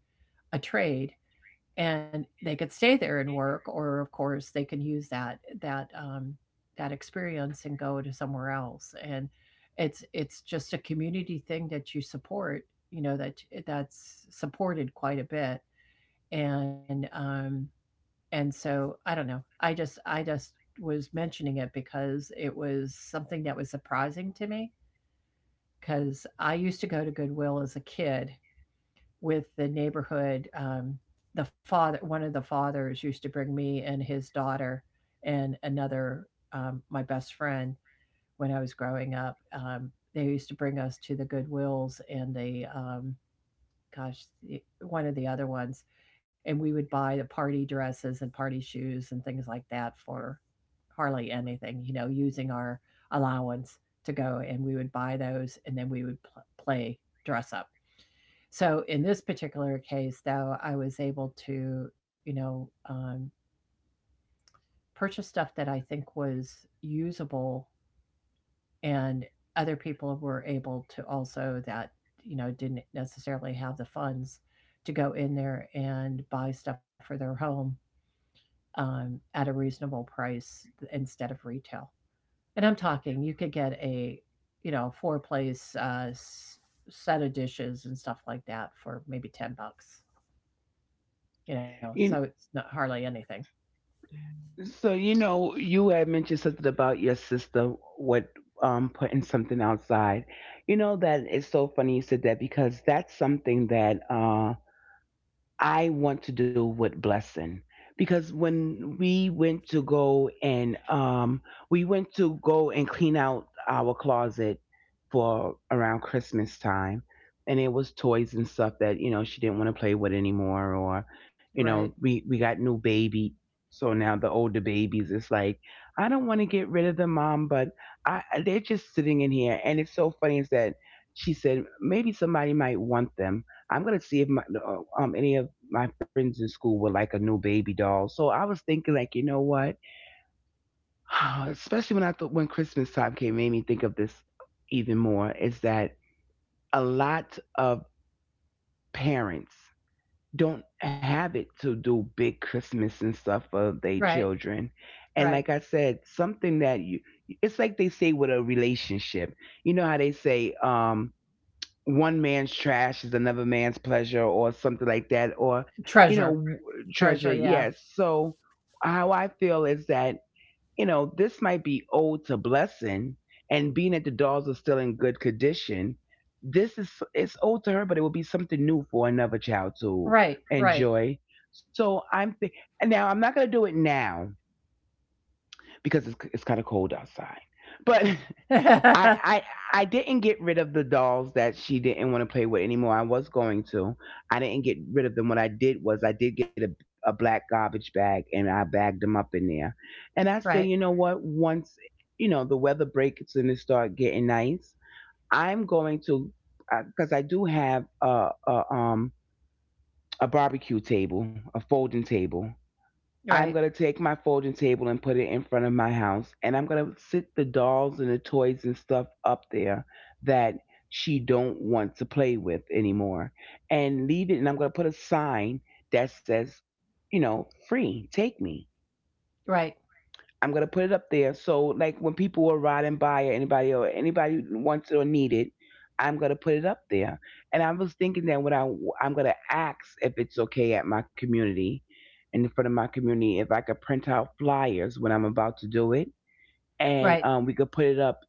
Speaker 1: a trade, and they could stay there and work, or of course they can use that that experience and go to somewhere else. And it's just a community thing that you support, that that's supported quite a bit. And um and so I don't know, I just I just was mentioning it because it was something that was surprising to me, because I used to go to Goodwill as a kid with the neighborhood. The father, one of the fathers, used to bring me and his daughter and another, my best friend, when I was growing up. They used to bring us to the Goodwills and the, gosh, the, one of the other ones, and we would buy the party dresses and party shoes and things like that for hardly anything, using our allowance to go, and we would buy those, and then we would play dress up. So in this particular case, though, I was able to, purchase stuff that I think was usable, and other people were able to also that, you know, didn't necessarily have the funds to go in there and buy stuff for their home, at a reasonable price instead of retail. And I'm talking, you could get a, you know, four place set of dishes and stuff like that for maybe $10. You know, so
Speaker 2: You,
Speaker 1: it's not hardly anything.
Speaker 2: so you know you had mentioned something about your sister, what putting something outside. You know, that it's so funny you said that, because that's something that. I want to do with Blessing, because when we went to go and we went to go and clean out our closet for around Christmas time, and it was toys and stuff that, you know, she didn't want to play with anymore. Or you
Speaker 1: Right.
Speaker 2: know, we got new baby, so now the older babies, it's like, "I don't want to get rid of them, mom." But I they're just sitting in here, and it's so funny is that she said, "Maybe somebody might want them. I'm gonna see if my, any of my friends in school were like a new baby doll." So I was thinking, like, you know what? [SIGHS] Especially when I thought when Christmas time came, made me think of this even more. Is that a lot of parents don't have it to do big Christmas and stuff for their
Speaker 1: Right,
Speaker 2: children, and
Speaker 1: right.
Speaker 2: like I said, something that you, it's like they say with a relationship. You know how they say, one man's trash is another man's pleasure, or something like that, or you
Speaker 1: Treasure,
Speaker 2: know,
Speaker 1: treasure,
Speaker 2: treasure.
Speaker 1: yeah.
Speaker 2: Yes. So how I feel is that, you know, this might be owed to Blessing, and being that the dolls are still in good condition, this is, it's old to her, but it will be something new for another child to
Speaker 1: Right, right.
Speaker 2: enjoy. so i'm th- Now I'm not going to do it now because it's kind of cold outside, but [LAUGHS] I,
Speaker 1: [LAUGHS]
Speaker 2: I I didn't get rid of the dolls that she didn't want to play with anymore. I was going to. I didn't get rid of them. What I did was I did get a black garbage bag, and I bagged them up in there. And I say,
Speaker 1: Right,
Speaker 2: you know what? Once you know the weather breaks and it start getting nice, I'm going to, because I do have a, a barbecue table, a folding table.
Speaker 1: right,
Speaker 2: I'm going to take my folding table and put it in front of my house. And I'm going to sit the dolls and the toys and stuff up there that she don't want to play with anymore and leave it. And I'm going to put a sign that says, you know, "Free, take me."
Speaker 1: right,
Speaker 2: I'm gonna put it up there. So like when people are riding by, or anybody, or anybody wants it or need it, I'm gonna put it up there. And I was thinking that when I I'm gonna ask if it's okay at my community, in front of my community, if I could print out flyers when I'm about to do it, and
Speaker 1: right.
Speaker 2: we could put it up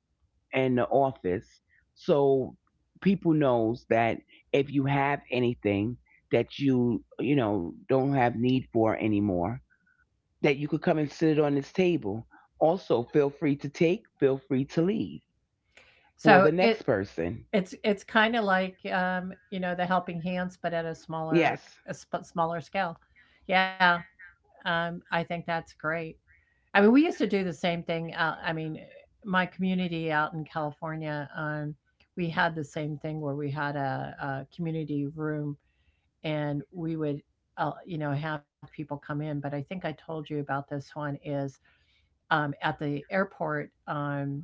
Speaker 2: in the office, so people knows that if you have anything that you know, don't have need for anymore, that you could come and sit on this table. Also, feel free to take, feel free to leave for
Speaker 1: So
Speaker 2: the next
Speaker 1: it
Speaker 2: person.
Speaker 1: it's it's kinda like, you know, the helping hands, but at a smaller
Speaker 2: Yes.
Speaker 1: a sp smaller scale. Yeah, I think that's great. I mean, we used to do the same thing, I mean, my community out in California, we had the same thing where we had a community room, and we would you know, have people come in. But I think I told you about this one is, at the airport,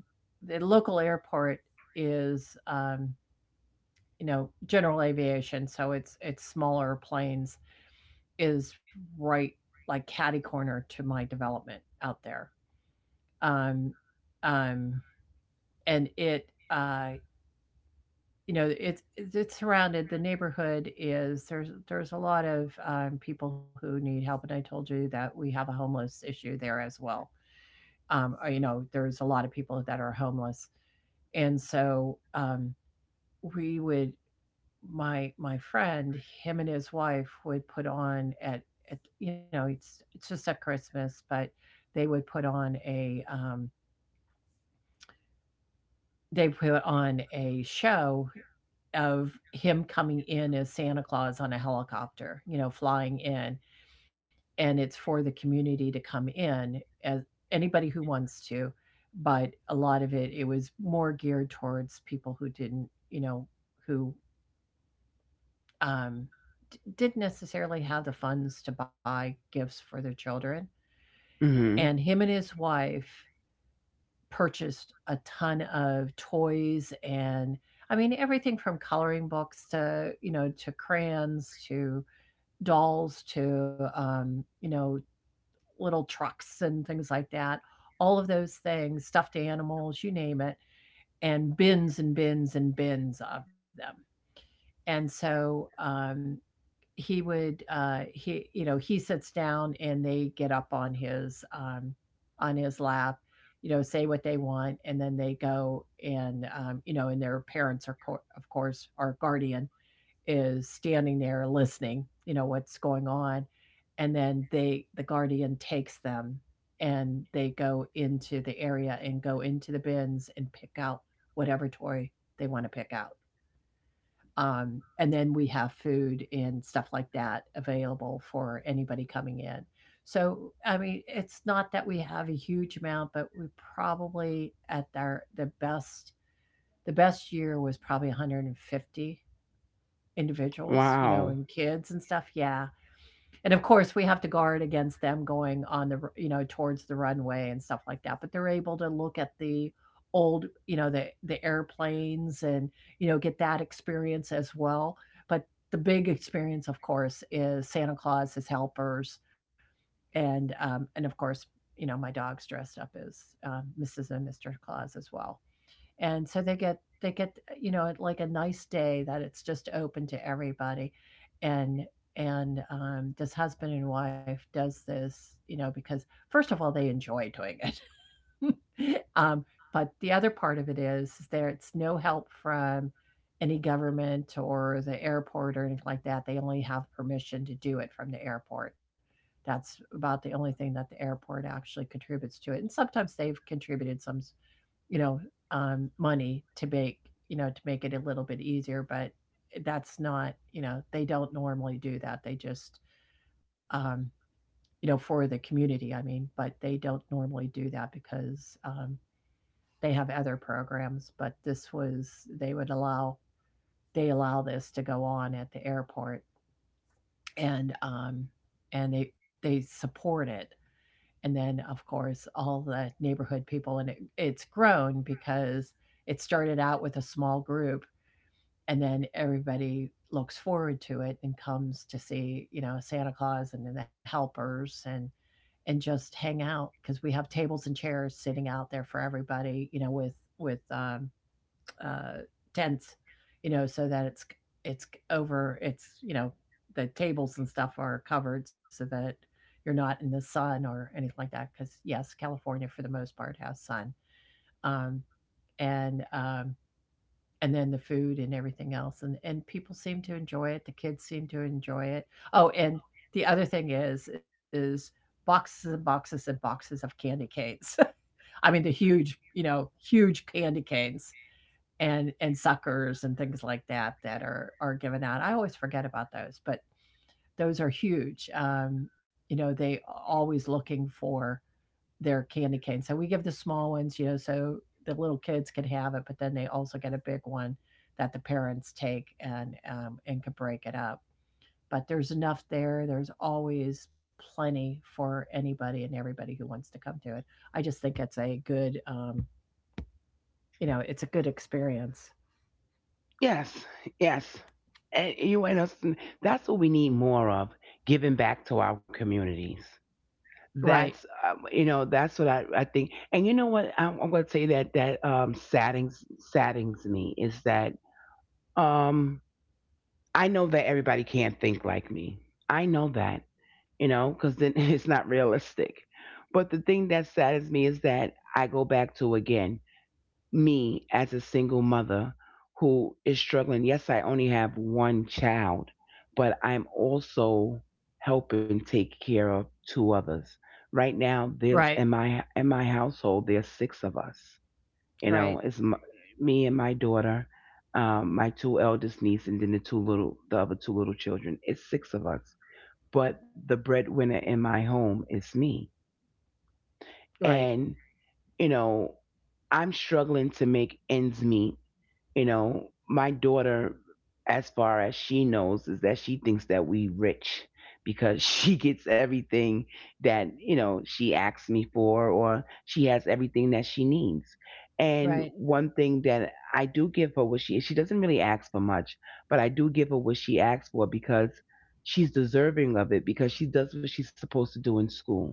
Speaker 1: the local airport is, you know, general aviation, so it's smaller planes is right, like catty corner to my development out there. Um, um, and it uh, you know, it's surrounded. The neighborhood is, there's a lot of people who need help, and I told you that we have a homeless issue there as well. Or, you know, there's a lot of people that are homeless, and so we would, my friend, him and his wife would put on at, you know, it's just at Christmas, but they would put on a, they put on a show of him coming in as Santa Claus on a helicopter, you know, flying in. And it's for the community to come in as anybody who wants to. But a lot of it, it was more geared towards people who didn't, you know, who um, didn't necessarily have the funds to buy gifts for their children. And
Speaker 2: Hmm.
Speaker 1: him and his wife purchased a ton of toys, and I mean everything from coloring books to, you know, to crayons to dolls to, you know, little trucks and things like that. All of those things, stuffed animals, you name it, and bins and bins and bins of them. And so he would, he, you know, he sits down, and they get up on his lap, you know, say what they want, and then they go, and, you know, and their parents are, of course, are guardian is standing there listening, you know, what's going on. And then they, the guardian takes them, and they go into the area and go into the bins and pick out whatever toy they want to pick out. And then we have food and stuff like that available for anybody coming in. So, I mean, it's not that we have a huge amount, but we probably at our the best year was probably 150 individuals, you know,
Speaker 2: Wow.
Speaker 1: and kids and stuff, yeah. And of course, we have to guard against them going on the r you know, towards the runway and stuff like that, but they're able to look at the old, you know, the airplanes and, you know, get that experience as well. But the big experience, of course, is Santa Claus, his helpers, and of course, you know, my dog's dressed up as, Mrs. and Mr. Claus as well. And so they get they get you know, like a nice day that it's just open to everybody. And and um, this husband and wife does this, you know, because first of all they enjoy doing it. [LAUGHS] But the other part of it is there, it's no help from any government or the airport or anything like that. They only have permission to do it from the airport. That's about the only thing that the airport actually contributes to it, and sometimes they've contributed some, you know, money to make, you know, to make it a little bit easier. But that's not, you know, they don't normally do that. They just, um, you know, for the community, I mean, but they don't normally do that because they have other programs. But this was, they would allow, they allow this to go on at the airport, and, um, and they support it. And then of course all the neighborhood people, and it's grown because it started out with a small group, and then everybody looks forward to it and comes to see, you know, Santa Claus and the helpers, and just hang out because we have tables and chairs sitting out there for everybody, you know, with with um, uh, tents, you know, so that it's over. It's, you know, the tables and stuff are covered so that you're not in the sun or anything like that. Because yes, California for the most part has sun, um, and and then the food and everything else, and people seem to enjoy it. The kids seem to enjoy it. Oh, and the other thing is boxes and boxes and boxes of candy canes. [LAUGHS] I mean the huge, you know, huge candy canes, and suckers and things like that that are given out. I always forget about those, but those are huge. You know, they always looking for their candy cane. So we give the small ones, you know, so the little kids can have it, but then they also get a big one that the parents take and, can break it up. But there's enough there. There's always plenty for anybody and everybody who wants to come to it. I just think it's a good, you know, it's a good experience.
Speaker 2: Yes. Yes. And you and us, that's what we need more of, giving back to our communities.
Speaker 1: Right,
Speaker 2: That's, you know, that's what I think. And you know what? I'm going to say that that, saddens me is that. Um, I know that everybody can't think like me. I know that, you know, because then [LAUGHS] it's not realistic. But the thing that saddens me is that I go back to again, me as a single mother who is struggling. Yes, I only have one child, but I'm also helping take care of two others. Right now, there's
Speaker 1: right.
Speaker 2: in my household, there's six of us. You
Speaker 1: Right,
Speaker 2: know, it's m, me and my daughter, my two eldest niece, and then the two little, the other two little children. It's six of us. But the breadwinner in my home is me.
Speaker 1: right,
Speaker 2: And, you know, I'm struggling to make ends meet. You know, my daughter, as far as she knows, is that she thinks that we rich because [LAUGHS] she gets everything that, you know, she asks me for, or she has everything that she needs. And
Speaker 1: right,
Speaker 2: one thing that I do give her, what she doesn't really ask for much, but I do give her what she asks for, because she's deserving of it, because she does what she's supposed to do in school.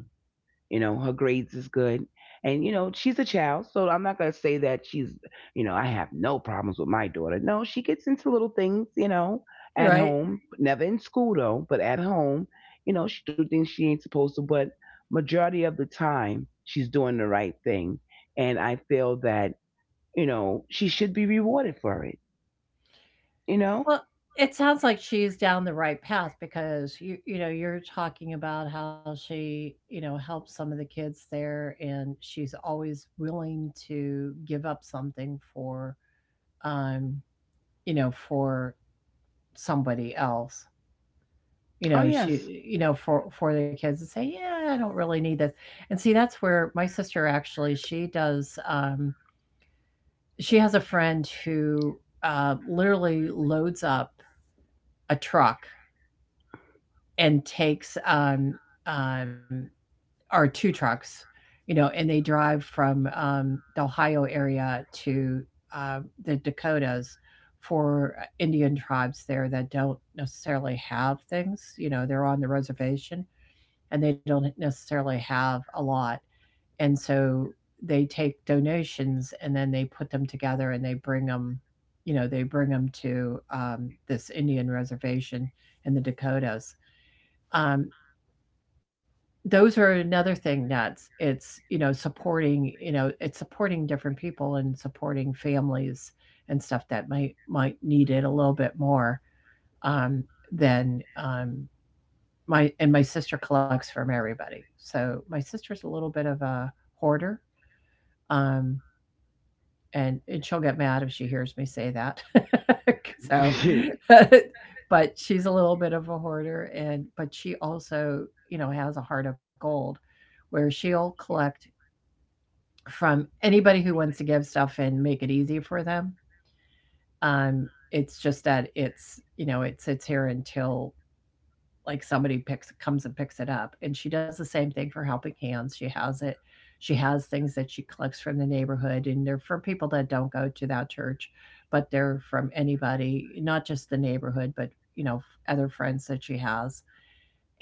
Speaker 2: You know, her grades is good. And, you know, she's a child, so I'm not going to say that she's, you know, I have no problems with my daughter. No, she gets into little things, you know, at
Speaker 1: right.
Speaker 2: home. Never in school, though, but at home, you know, she do things she ain't supposed to. But majority of the time, she's doing the right thing. And I feel that, you know, she should be rewarded for it, you know?
Speaker 1: Well, it sounds like she's down the right path, because you know, you're talking about how she, you know, helps some of the kids there, and she's always willing to give up something for um you know, for somebody else. You know,
Speaker 2: Oh, yes.
Speaker 1: she, you know, for the kids to say, yeah, I don't really need this. And see, that's where my sister actually, she does she has a friend who literally loads up a truck and takes um, or two trucks, you know, and they drive from the Ohio area to uh, the Dakotas for Indian tribes there that don't necessarily have things. You know, they're on the reservation and they don't necessarily have a lot. And so they take donations and then they put them together and they bring them, you know, they bring them to, this Indian reservation in the Dakotas. um, those are another thing that's, it's, you know, supporting, you know, it's supporting different people and supporting families and stuff that might need it a little bit more um, than my, and my sister collects from everybody. So my sister's a little bit of a hoarder. Um, and she'll get mad if she hears me say that. [LAUGHS] So,
Speaker 2: [LAUGHS]
Speaker 1: [LAUGHS] but she's a little bit of a hoarder, and but she also, you know, has a heart of gold, where she'll collect from anybody who wants to give stuff and make it easy for them. Um, it's just that it's you know it sits here until like somebody picks comes and picks it up. And she does the same thing for Helping Hands. She has things that she collects from the neighborhood, and they're from people that don't go to that church, but they're from anybody, not just the neighborhood, but you know other friends that she has.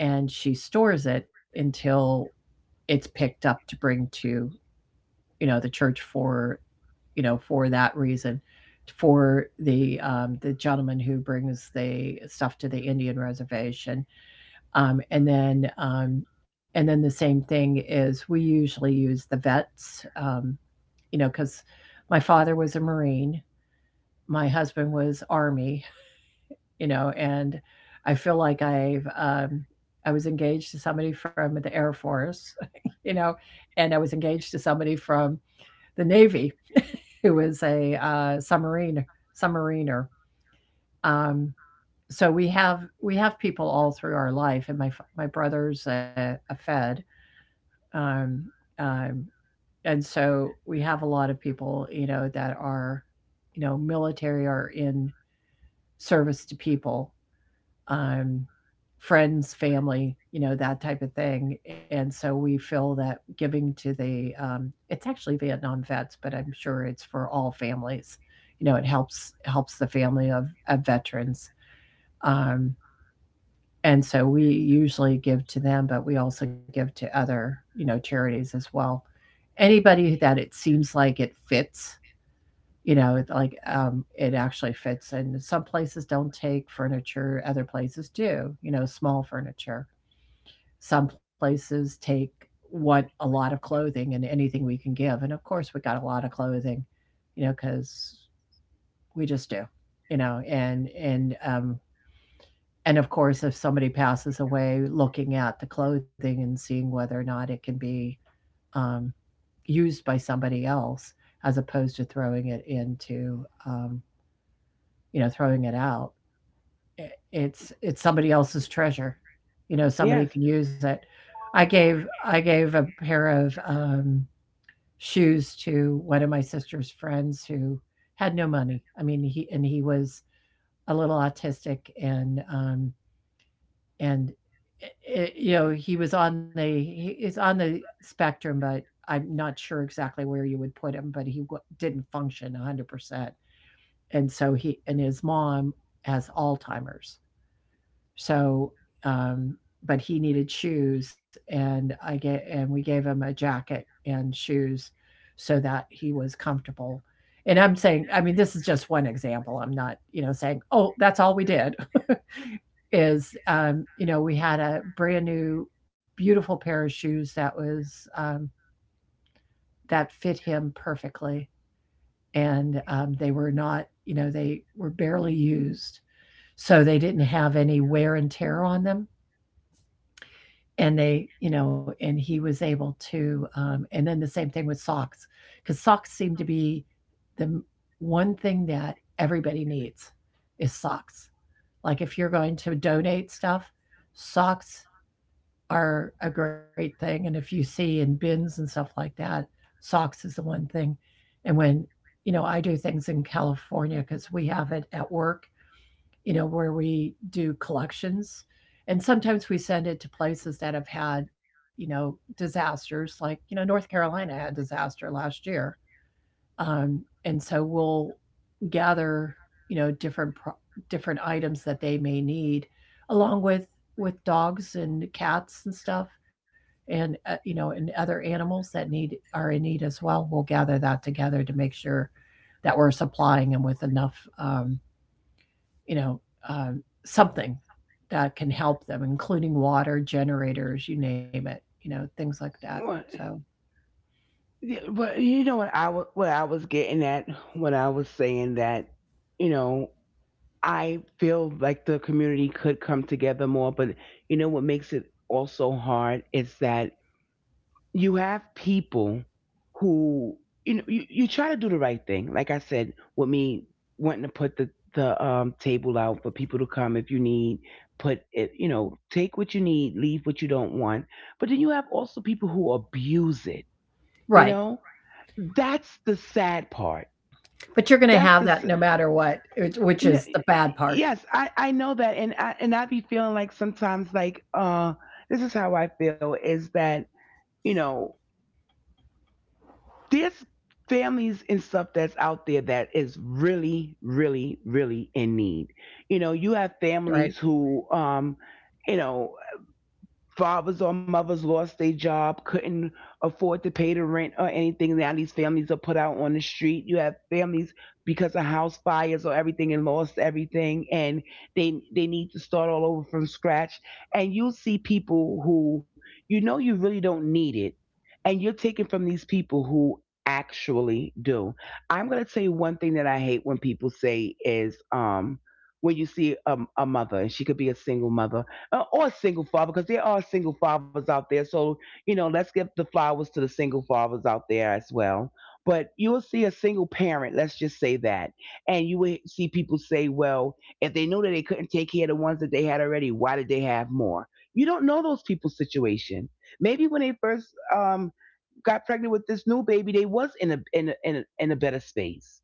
Speaker 1: And she stores it until it's picked up to bring to, the church, for for that reason, for the gentleman who brings the stuff to the Indian reservation. um, and then um, and then the same thing is we usually use the vets, because my father was a Marine, my husband was Army, you know, and I feel like I was engaged to somebody from the Air Force, [LAUGHS] you know, and I was engaged to somebody from the Navy who was a submariner. Um, so we have people all through our life. And my brother's a Fed. Um, um, and so we have a lot of people, you know, that are, you know, military or in service to people, um, friends, family, you know, that type of thing. And so we feel that giving to the, it's actually Vietnam vets, but I'm sure it's for all families. You know, it helps the family of veterans. Um, and so we usually give to them, but we also give to other, you know, charities as well. Anybody that it seems like it fits, you know, like it actually fits. And some places don't take furniture, other places do, you know, small furniture. Some places take want a lot of clothing and anything we can give. And of course, we got a lot of clothing, you know, because we just do, you know, and and of course, if somebody passes away, looking at the clothing and seeing whether or not it can be um, used by somebody else as opposed to throwing it into, um, you know, throwing it out. It's somebody else's treasure. You know, somebody
Speaker 2: Yes.
Speaker 1: can use it. I gave a pair of shoes to one of my sister's friends who had no money. I mean, he was a little autistic and and he was on the he is on the spectrum, but I'm not sure exactly where you would put him, but he w didn't function 100%. And so he and his mom has Alzheimer's. So, um, but he needed shoes, and I get and we gave him a jacket and shoes so that he was comfortable. And I'm saying, I mean, this is just one example. I'm not, you know, saying, "Oh, that's all we did." [LAUGHS] is You know, we had a brand new beautiful pair of shoes that was um, that fit him perfectly, and they were not, you know, they were barely used, so they didn't have any wear and tear on them. And they, you know, and he was able to and then the same thing with socks, because socks seem to be the one thing that everybody needs is socks. Like if you're going to donate stuff, socks are a great thing. And if you see in bins and stuff like that, socks is the one thing. And when, you know, I do things in California because we have it at work, you know, where we do collections. And sometimes we send it to places that have had, you know, disasters, like, you know, North Carolina had disaster last year. Um, and so we'll gather, you know, different items that they may need, along with dogs and cats and stuff, and you know, and other animals that need are in need as well. We'll gather that together to make sure that we're supplying them with enough, um, you know, something that can help them, including water, generators, you name it, you know, things like that. So,
Speaker 2: What? Yeah, but you know what I was, what I was getting at when I was saying that, you know, I feel like the community could come together more, but you know what makes it also hard is that you have people who, you know, you try to do the right thing. Like I said, with me wanting to put the table out for people to come, if you need, put it, you know, take what you need, leave what you don't want. But then you have also people who abuse it. You
Speaker 1: right.
Speaker 2: know, that's the sad part.
Speaker 1: But you're gonna
Speaker 2: That's the
Speaker 1: have
Speaker 2: s-
Speaker 1: that no matter what, which
Speaker 2: n-
Speaker 1: is the bad part,
Speaker 2: Yes, I know that, and I be feeling like sometimes, like, uh, this is how I feel is that, you know, there's families and stuff that's out there that is really really really in need. You know, you have families
Speaker 1: right?
Speaker 2: who, um, you know, fathers or mothers lost their job, couldn't afford to pay the rent or anything. Now these families are put out on the street. You have families because of house fires or everything and lost everything, and they need to start all over from scratch. And you see people who, you know, you really don't need it, and you're taking from these people who actually do. I'm gonna tell you one thing that I hate when people say is, um. When you see a, mother, and she could be a single mother, or single father, because there are single fathers out there. So, you know, let's give the flowers to the single fathers out there as well. But you will see a single parent, let's just say that. And you will see people say, "Well, if they knew that they couldn't take care of the ones that they had already, why did they have more?" You don't know those people's situation. Maybe when they first, got pregnant with this new baby, they was in a in a, in a in a better space.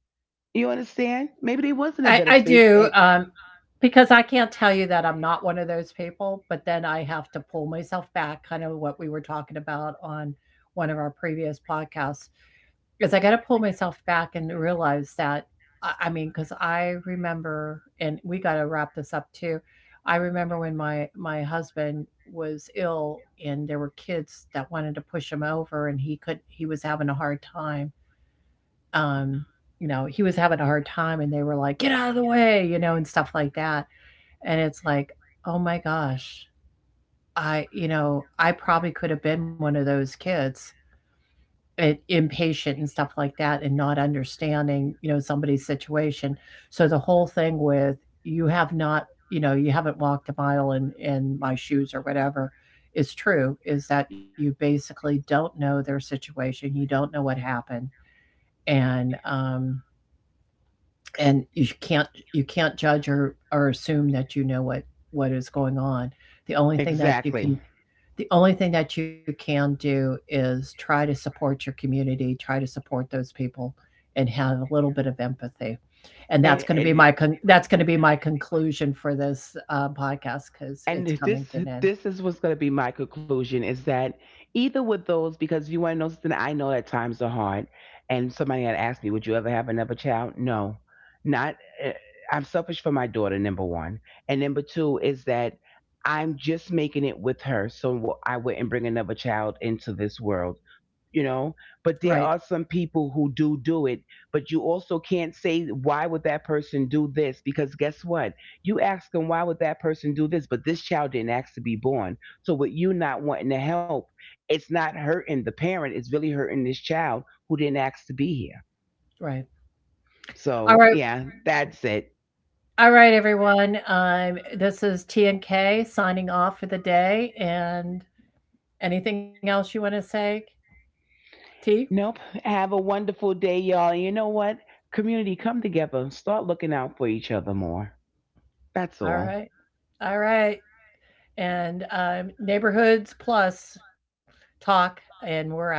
Speaker 2: You understand? Maybe they was in a better
Speaker 1: I
Speaker 2: space.
Speaker 1: do,
Speaker 2: And
Speaker 1: because I can't tell you that I'm not one of those people, but then I have to pull myself back, kind of what we were talking about on one of our previous podcasts, because I got to pull myself back and realize that I mean, because I remember, and we got to wrap this up too. I remember when my husband was ill, and there were kids that wanted to push him over, and he was having a hard time um, you know, he was having a hard time, and they were like, get out of the way, you know, and stuff like that. And it's like, oh my gosh, I, you know, I probably could have been one of those kids, impatient and stuff like that, and not understanding, you know, somebody's situation. So the whole thing with you have not, you know, you haven't walked a mile in my shoes or whatever, is true, is that you basically don't know their situation. You don't know what happened. And, um, and you can't judge or assume that you know what is going on. The only thing that you can
Speaker 2: exactly.
Speaker 1: do is try to support your community, try to support those people, and have a little bit of empathy. And that's
Speaker 2: And.
Speaker 1: going to be
Speaker 2: and
Speaker 1: my that's going to be my conclusion for this podcast, because it's
Speaker 2: and
Speaker 1: coming to an end.
Speaker 2: this is what's going to be my conclusion, is that either with those, because you want to know something, I know that times are hard, and somebody had asked me, "Would you ever have another child?" No. not eh, I'm selfish for my daughter, number one. And number two is that I'm just making it with her, so I wouldn't bring another child into this world. You know, but there
Speaker 1: Right,
Speaker 2: are some people who do do it. But you also can't say, "Why would that person do this?" Because guess what? You ask them, "Why would that person do this?" But this child didn't ask to be born. So with you not wanting to help, it's not hurting the parent, it's really hurting this child who didn't ask to be here.
Speaker 1: right. All
Speaker 2: So
Speaker 1: right,
Speaker 2: yeah, that's it.
Speaker 1: all right, everyone, this is T and K signing off for the day. And anything else you want to say, T?
Speaker 2: Nope. Have a wonderful day, y'all. You know what? Community, come together, start looking out for each other more. That's
Speaker 1: All
Speaker 2: all.
Speaker 1: right. All right. And Neighborhoods Plus talk, and we're out.